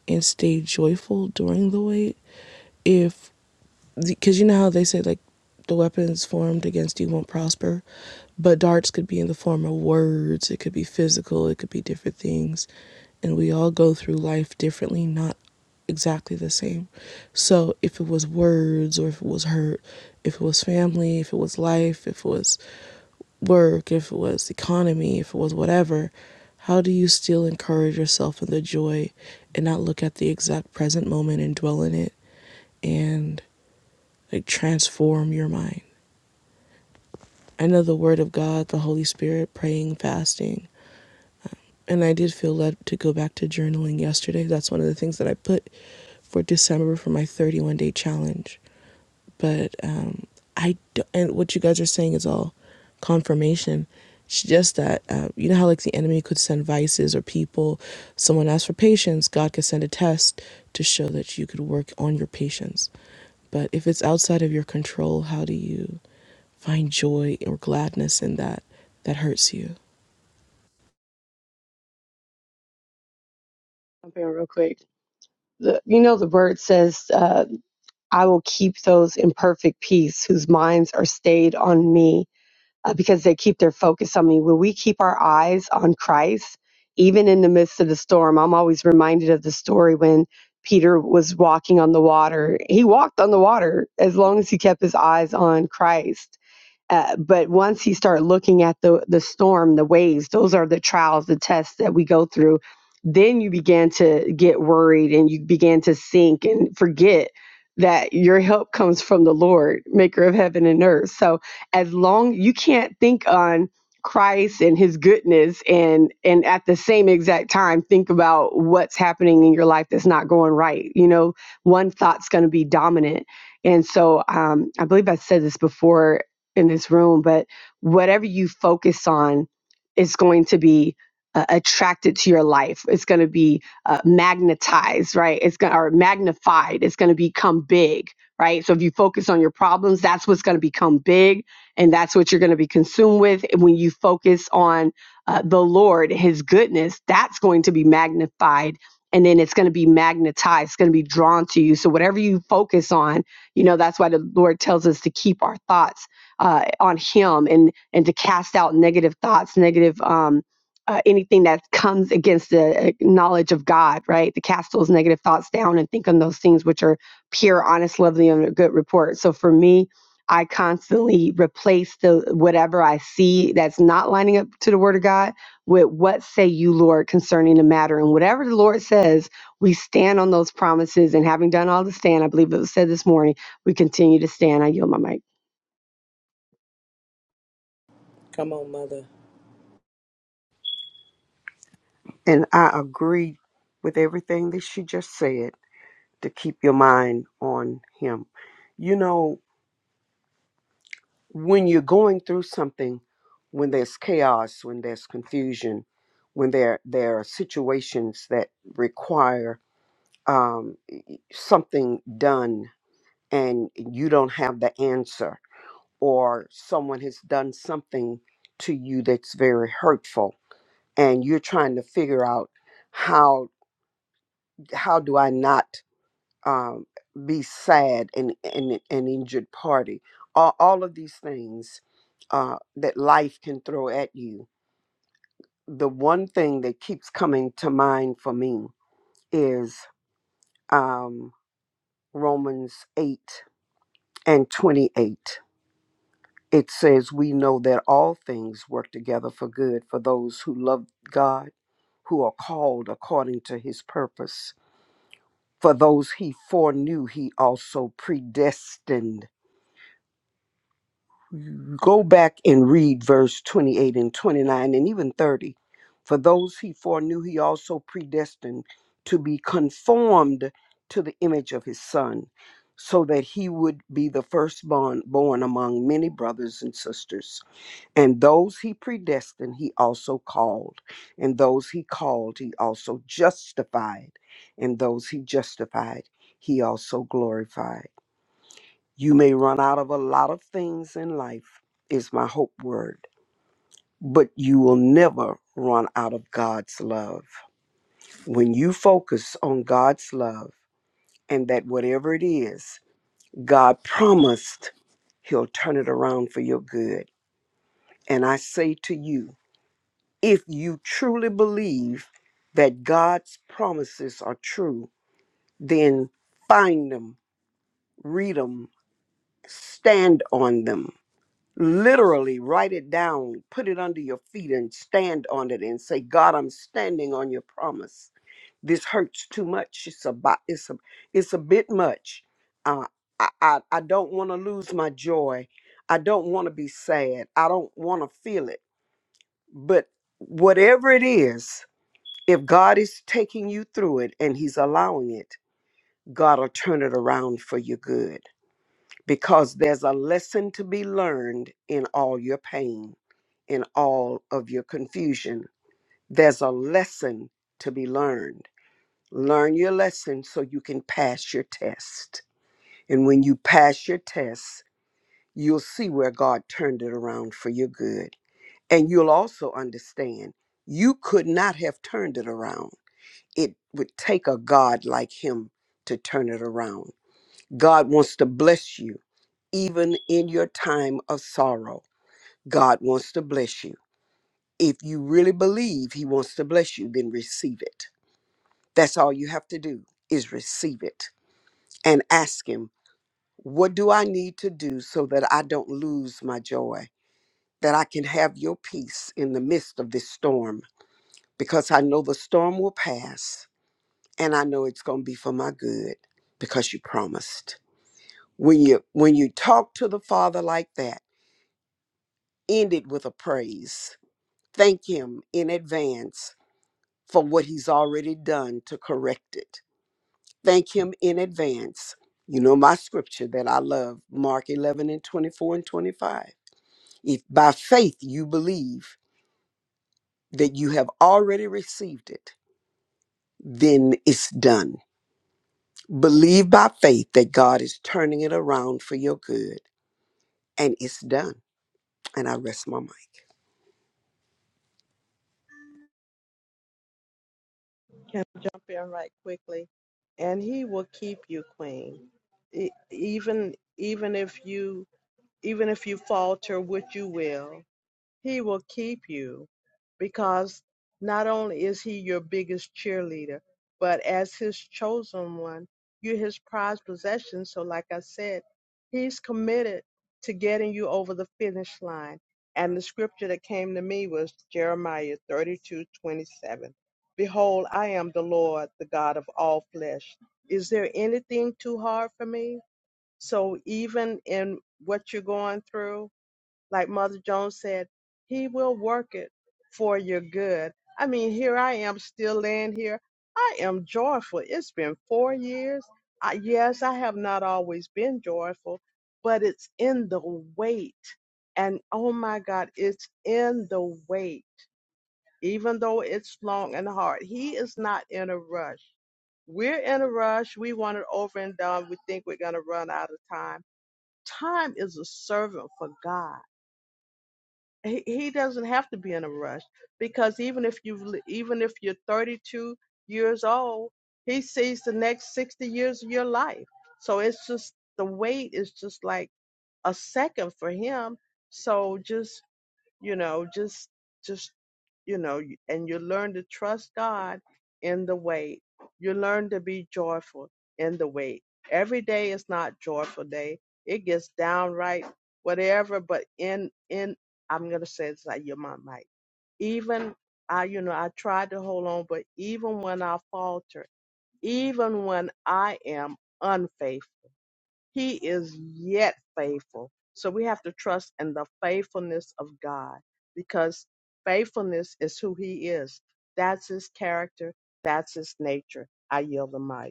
F: and stay joyful during the wait if because you know how they say like the weapons formed against you won't prosper but darts could be in the form of words it could be physical it could be different things and we all go through life differently not exactly the same so if it was words or if it was hurt if it was family if it was life if it was work if it was economy if it was whatever how do you still encourage yourself in the joy and not look at the exact present moment and dwell in it and like, transform your mind. I know the Word of God, the Holy Spirit, praying, fasting. And I did feel led to go back to journaling yesterday. That's one of the things that I put for December for my 31 day challenge but um, I don't, and what you guys are saying is all confirmation. It's just that uh, you know how like the enemy could send vices or people. Someone asked for patience. God could send a test to show that you could work on your patience. But if it's outside of your control, how do you find joy or gladness in that that hurts you?
E: I'm real quick. The, you know, the word says. Uh, I will keep those in perfect peace whose minds are stayed on me uh, because they keep their focus on me. When we keep our eyes on Christ, even in the midst of the storm, I'm always reminded of the story when Peter was walking on the water. He walked on the water as long as he kept his eyes on Christ uh, but once you start looking at the the storm, the waves, those are the trials, the tests that we go through. Then you begin to get worried and you begin to sink and forget that your help comes from the Lord, maker of heaven and earth. So as long you can't think on Christ and his goodness and and at the same exact time think about what's happening in your life that's not going right. You know, one thought's going to be dominant. And so um, I believe I said this before in this room, but whatever you focus on is going to be uh, attracted to your life. It's going to be uh, magnetized, right? It's going or magnified. It's going to become big, right? So if you focus on your problems, that's what's going to become big, and that's what you're going to be consumed with. And when you focus on uh, the Lord, His goodness, that's going to be magnified. And then it's going to be magnetized. It's going to be drawn to you. So whatever you focus on, you know that's why the Lord tells us to keep our thoughts uh, on him and and to cast out negative thoughts negative um, uh, anything that comes against the uh, knowledge of god right to cast those negative thoughts down and think on those things which are pure honest lovely and a good report so for me i constantly replace the whatever i see that's not lining up to the word of god with what say you lord concerning the matter and whatever the lord says we stand on those promises and having done all to stand i believe it was said this morning we continue to stand i yield my mic
G: And I agree with everything that she just said to keep your mind on Him. You know, when you're going through something, when there's chaos, when there's confusion, when there there are situations that require um, something done and you don't have the answer, or someone has done something to you that's very hurtful, and you're trying to figure out how how do I not um, be sad and and an injured party. All, all of these things uh, that life can throw at you. The one thing that keeps coming to mind for me is um, Romans eight and twenty eight. It says, "We know that all things work together for good for those who love God, who are called according to His purpose." For those he foreknew, he also predestined Go back and read verse 28 and 29 and even 30. For those he foreknew, he also predestined to be conformed to the image of his son, so that he would be the firstborn born among many brothers and sisters. And those he predestined, he also called. And those he called, he also justified. And those he justified, he also glorified. You may run out of a lot of things in life, is my hope word, but you will never run out of God's love. When you focus on God's love and that whatever it is, God promised He'll turn it around for your good. And I say to you, if you truly believe that God's promises are true, then find them, read them, stand on them literally write it down, put it under your feet, and stand on it and say, God, I'm standing on your promise. This hurts too much. It's a, bo- it's a, it's a bit much. Uh, I, I, I don't want to lose my joy. I don't want to be sad. I don't want to feel it. But whatever it is, if God is taking you through it and He's allowing it, God will turn it around for your good because there's a lesson to be learned in all your pain, in all of your confusion. There's a lesson to be learned. Learn your lesson so you can pass your test. And when you pass your test, you'll see where God turned it around for your good. And you'll also understand you could not have turned it around. It would take a God like Him to turn it around. God wants to bless you even in your time of sorrow. God wants to bless you. If you really believe He wants to bless you, then receive it. That's all you have to do is receive it and ask Him, What do I need to do so that I don't lose my joy, that I can have your peace in the midst of this storm? Because I know the storm will pass and I know it's going to be for my good because you promised. When you when you talk to the Father like that, end it with a praise Thank Him in advance for what He's already done to correct it. Thank Him in advance. You know my scripture that I love, Mark 11 and 24 and 25. If by faith you believe that you have already received it, then it's done. Believe by faith that God is turning it around for your good, and it's done. And I rest my mind.
C: Can I jump in right quickly? And he will keep you queen. E- Even even if you even if you falter, which you will, He will keep you because not only is he your biggest cheerleader, but as his chosen one, you're his prized possession. So, like I said, he's committed to getting you over the finish line. And the scripture that came to me was Jeremiah 32 27. Behold, I am the Lord, the God of all flesh. Is there anything too hard for me? So, even in what you're going through, like Mother Jones said, He will work it for your good. I mean, here I am still laying here. I am joyful. It's been four years. I, yes, I have not always been joyful, but it's in the weight. And oh my God, it's in the weight, even though it's long and hard. He is not in a rush. We're in a rush. We want it over and done. We think we're going to run out of time. Time is a servant for God he, he doesn't have to be in a rush because even if you even if you're 32 years old he sees the next 60 years of your life so it's just the wait is just like a second for him so just you know just just you know y- and you learn to trust god in the wait you learn to be joyful in the wait every day is not joyful day it gets downright whatever but in in i'm gonna say it's like your mom might even i you know i tried to hold on but even when i falter even when i am unfaithful he is yet faithful. So we have to trust in the faithfulness of God because faithfulness is who He is. That's His character, that's His nature. I yield the mic.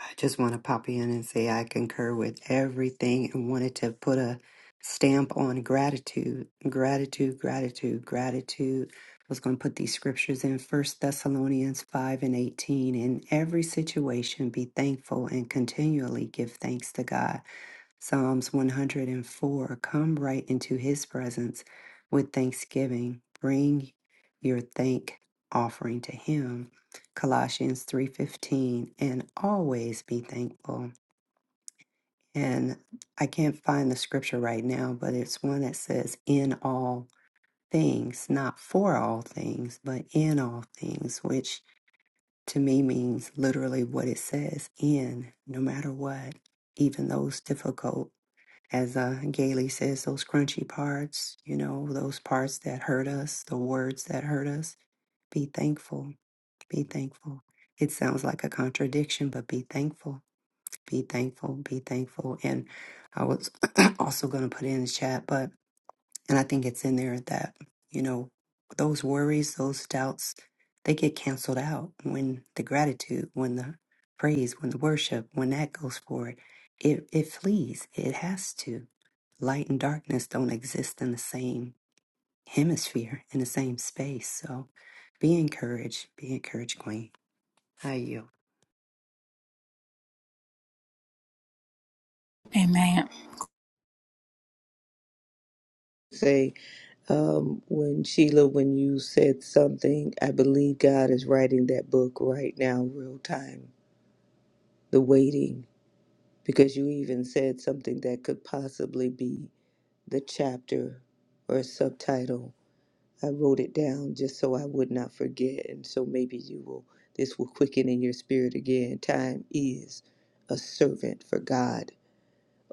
B: I just want to pop in and say I concur with everything and wanted to put a stamp on gratitude, gratitude, gratitude, gratitude. I was going to put these scriptures in First Thessalonians 5 and 18. In every situation, be thankful and continually give thanks to God. Psalms 104 Come right into his presence with thanksgiving. Bring your thank offering to him. Colossians 3:15 and always be thankful. And I can't find the scripture right now, but it's one that says in all things, not for all things, but in all things, which to me means literally what it says in no matter what, even those difficult as uh, Gailey says, those crunchy parts, you know, those parts that hurt us, the words that hurt us, be thankful. Be thankful. It sounds like a contradiction, but be thankful. Be thankful. Be thankful. And I was (clears throat) also going to put it in the chat, but and I think it's in there that, you know, those worries, those doubts, they get canceled out when the gratitude, when the praise, when the worship, when that goes forward, it, it flees. It has to. Light and darkness don't exist in the same hemisphere, in the same space. So be encouraged. Be encouraged, Queen. I yield.
A: Amen.
D: Say, um, when Sheila, when you said something, I believe God is writing that book right now, real time, The Waiting, because you even said something that could possibly be the chapter or subtitle. I wrote it down just so I would not forget, and so maybe you will. This will quicken in your spirit again. Time is a servant for God.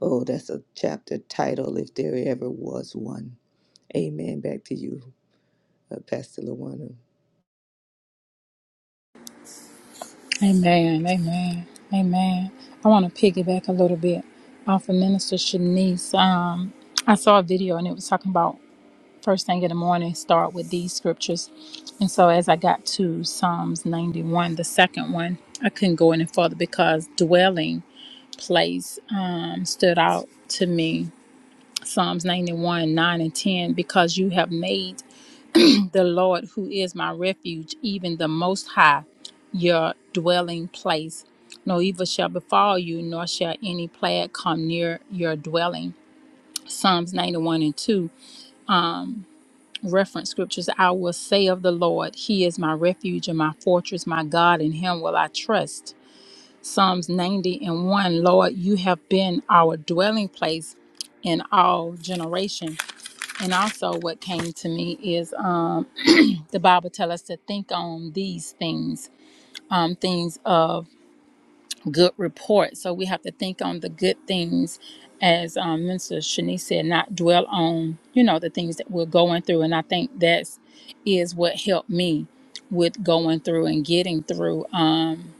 D: Oh, that's a chapter title if there ever was one. Amen. Back to you, uh, Pastor Luana.
A: Amen. Amen. Amen. I want to piggyback a little bit off of Minister Shanice. Um, I saw a video and it was talking about first thing in the morning, start with these scriptures. And so as I got to Psalms 91, the second one, I couldn't go any further because dwelling place um, stood out to me. Psalms 91, 9 and 10, because you have made the Lord, who is my refuge, even the Most High, your dwelling place. No evil shall befall you, nor shall any plague come near your dwelling. Psalms 91 and 2, reference scriptures I will say of the Lord, He is my refuge and my fortress, my God, in Him will I trust. Psalms 90 and 1, Lord, you have been our dwelling place in all generation. And also, what came to me is um, the Bible tell us to think on these things, um, things of good report. So we have to think on the good things, as um, Minister Shanice said, not dwell on, you know, the things that we're going through. And I think that's is what helped me with going through and getting through. Um,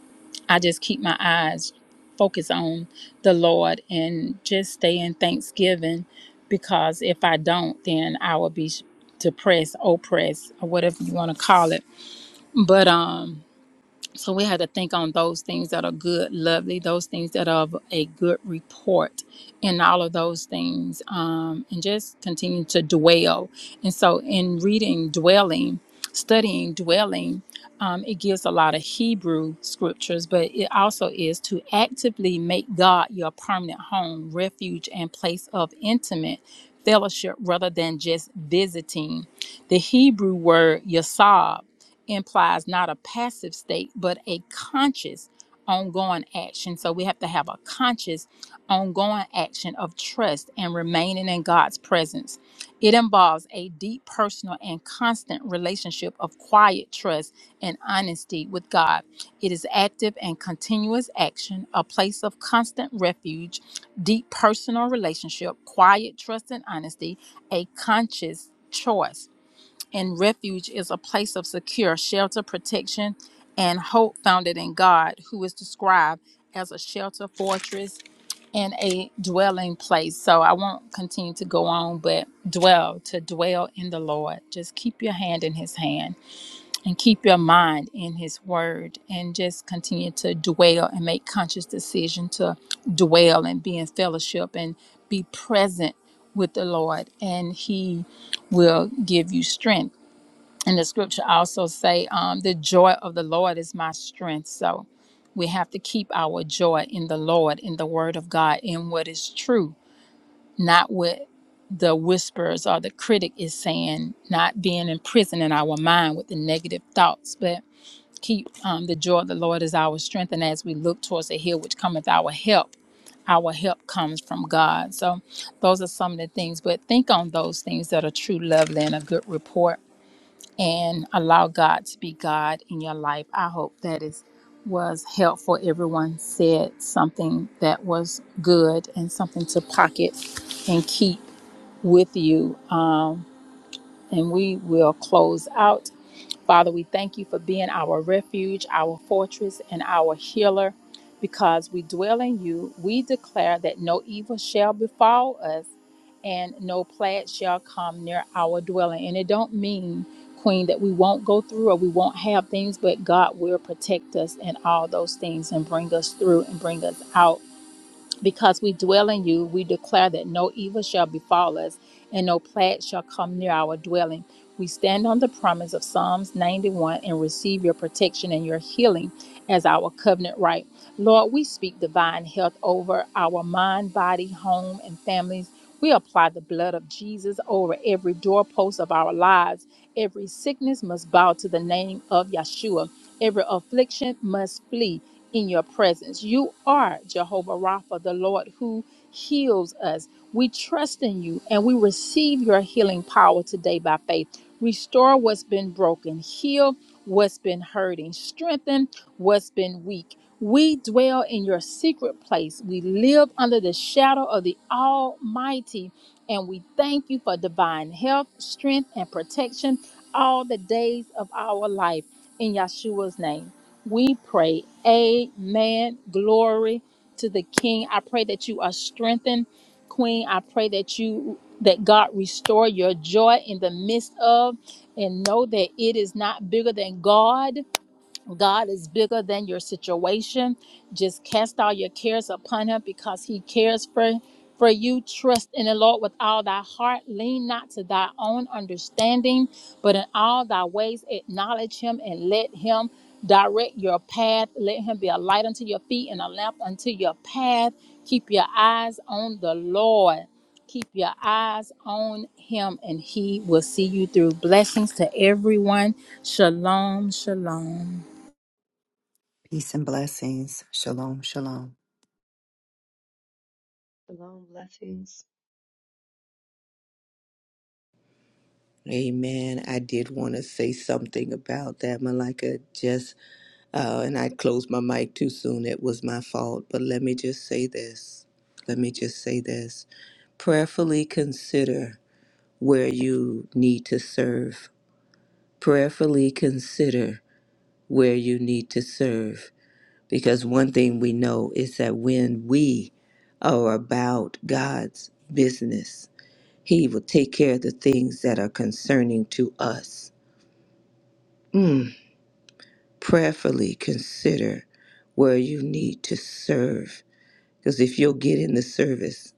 A: I just keep my eyes focused on the Lord and just stay in thanksgiving because if I don't, then I will be depressed, oppressed, or whatever you want to call it but um, so we have to think on those things that are good, lovely, those things that are of a good report, and all of those things, um, and just continue to dwell. And so, in reading, dwelling, studying, dwelling, um, it gives a lot of Hebrew scriptures, but it also is to actively make God your permanent home, refuge, and place of intimate fellowship rather than just visiting. The Hebrew word yasab implies not a passive state, but a conscious ongoing action. So we have to have a conscious ongoing action of trust and remaining in God's presence. It involves a deep personal and constant relationship of quiet trust and honesty with God. It is active and continuous action, a place of constant refuge, deep personal relationship, quiet trust and honesty, a conscious choice and refuge is a place of secure shelter, protection, and hope founded in God, who is described as a shelter, fortress, and a dwelling place. So I won't continue to go on, but dwell, to dwell in the Lord. Just keep your hand in His hand and keep your mind in His word and just continue to dwell and make conscious decision to dwell and be in fellowship and be present with the Lord. And He will give you strength and the scripture also say um, the joy of the lord is my strength so we have to keep our joy in the lord in the word of god in what is true not what the whispers or the critic is saying not being imprisoned in our mind with the negative thoughts but keep um, the joy of the lord is our strength and as we look towards the hill which cometh our help our help comes from god so those are some of the things but think on those things that are true lovely and a good report and allow God to be God in your life. I hope that is was helpful. Everyone said something that was good and something to pocket and keep with you. Um, and we will close out Father, we thank you for being our refuge, our fortress, and our healer. Because we dwell in you, we declare that no evil shall befall us and no plague shall come near our dwelling. And it don't mean, Queen, that we won't go through or we won't have things, but God will protect us in all those things and bring us through and bring us out because we dwell in you, we declare that no evil shall befall us, and no plague shall come near our dwelling. We stand on the promise of Psalms 91 and receive your protection and your healing as our covenant right. Lord, we speak divine health over our mind, body, home, and families. We apply the blood of Jesus over every doorpost of our lives. Every sickness must bow to the name of Yeshua. Every affliction must flee in your presence. You are Jehovah Rapha, the Lord who heals us. We trust in you and we receive your healing power today by faith. Restore what's been broken, heal what's been hurting, strengthen what's been weak. We dwell in your secret place. We live under the shadow of the Almighty, and we thank you for divine health, strength, and protection all the days of our life. In Yeshua's name, we pray. Amen. Glory to the King. I pray that you are strengthened, Queen. I pray that you that God restore your joy in the midst of and know that it is not bigger than God. God is bigger than your situation. Just cast all your cares upon him because he cares for for you. Trust in the Lord with all thy heart. Lean not to thy own understanding, but in all thy ways acknowledge him and let him direct your path. Let him be a light unto your feet and a lamp unto your path. Keep your eyes on the Lord. Keep your eyes on him and he will see you through. Blessings to everyone. Shalom, shalom.
B: Peace and blessings. Shalom, shalom.
D: Amen. I did want to say something about that, Malika. Just uh, and I closed my mic too soon. It was my fault. But let me just say this. Let me just say this. Prayerfully consider where you need to serve. Prayerfully consider where you need to serve. Because one thing we know is that when we are about God's business, He will take care of the things that are concerning to us. Mm, prayerfully consider where you need to serve. Because if you'll get in the service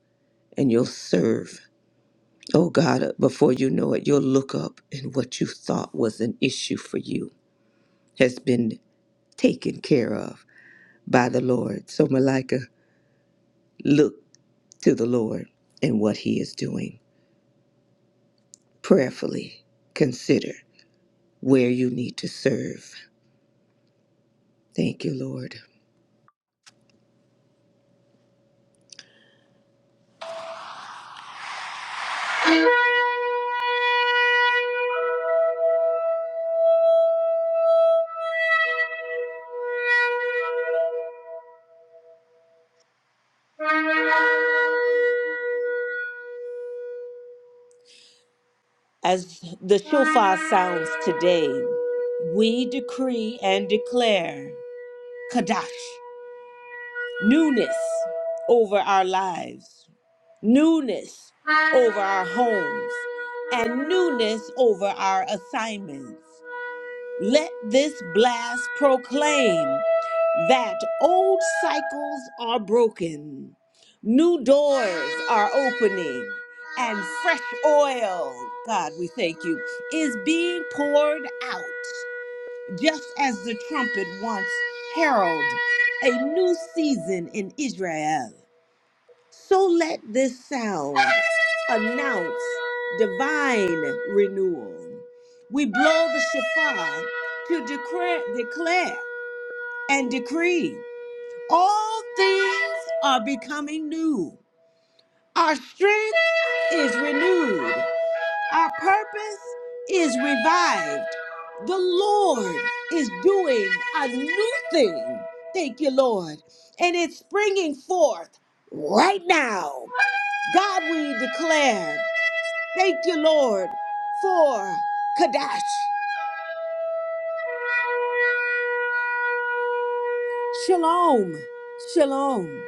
D: and you'll serve, oh God, before you know it, you'll look up and what you thought was an issue for you has been taken care of by the Lord. So, Malika, look to the Lord and what He is doing. Prayerfully consider where you need to serve. Thank you, Lord. As the shofar sounds today, we decree and declare Kadash. newness over our lives, newness over our homes, and newness over our assignments. Let this blast proclaim that old cycles are broken, new doors are opening, and fresh oil, God, we thank you, is being poured out just as the trumpet once heralded a new season in Israel, so let this sound announce divine renewal. We blow the shofar to declare, declare and decree all things are becoming new. Our strength is renewed. Our purpose is revived. The Lord is doing a new thing. Thank you, Lord. And it's springing forth right now. God, we declare, thank you, Lord, for Kadash. Shalom. Shalom.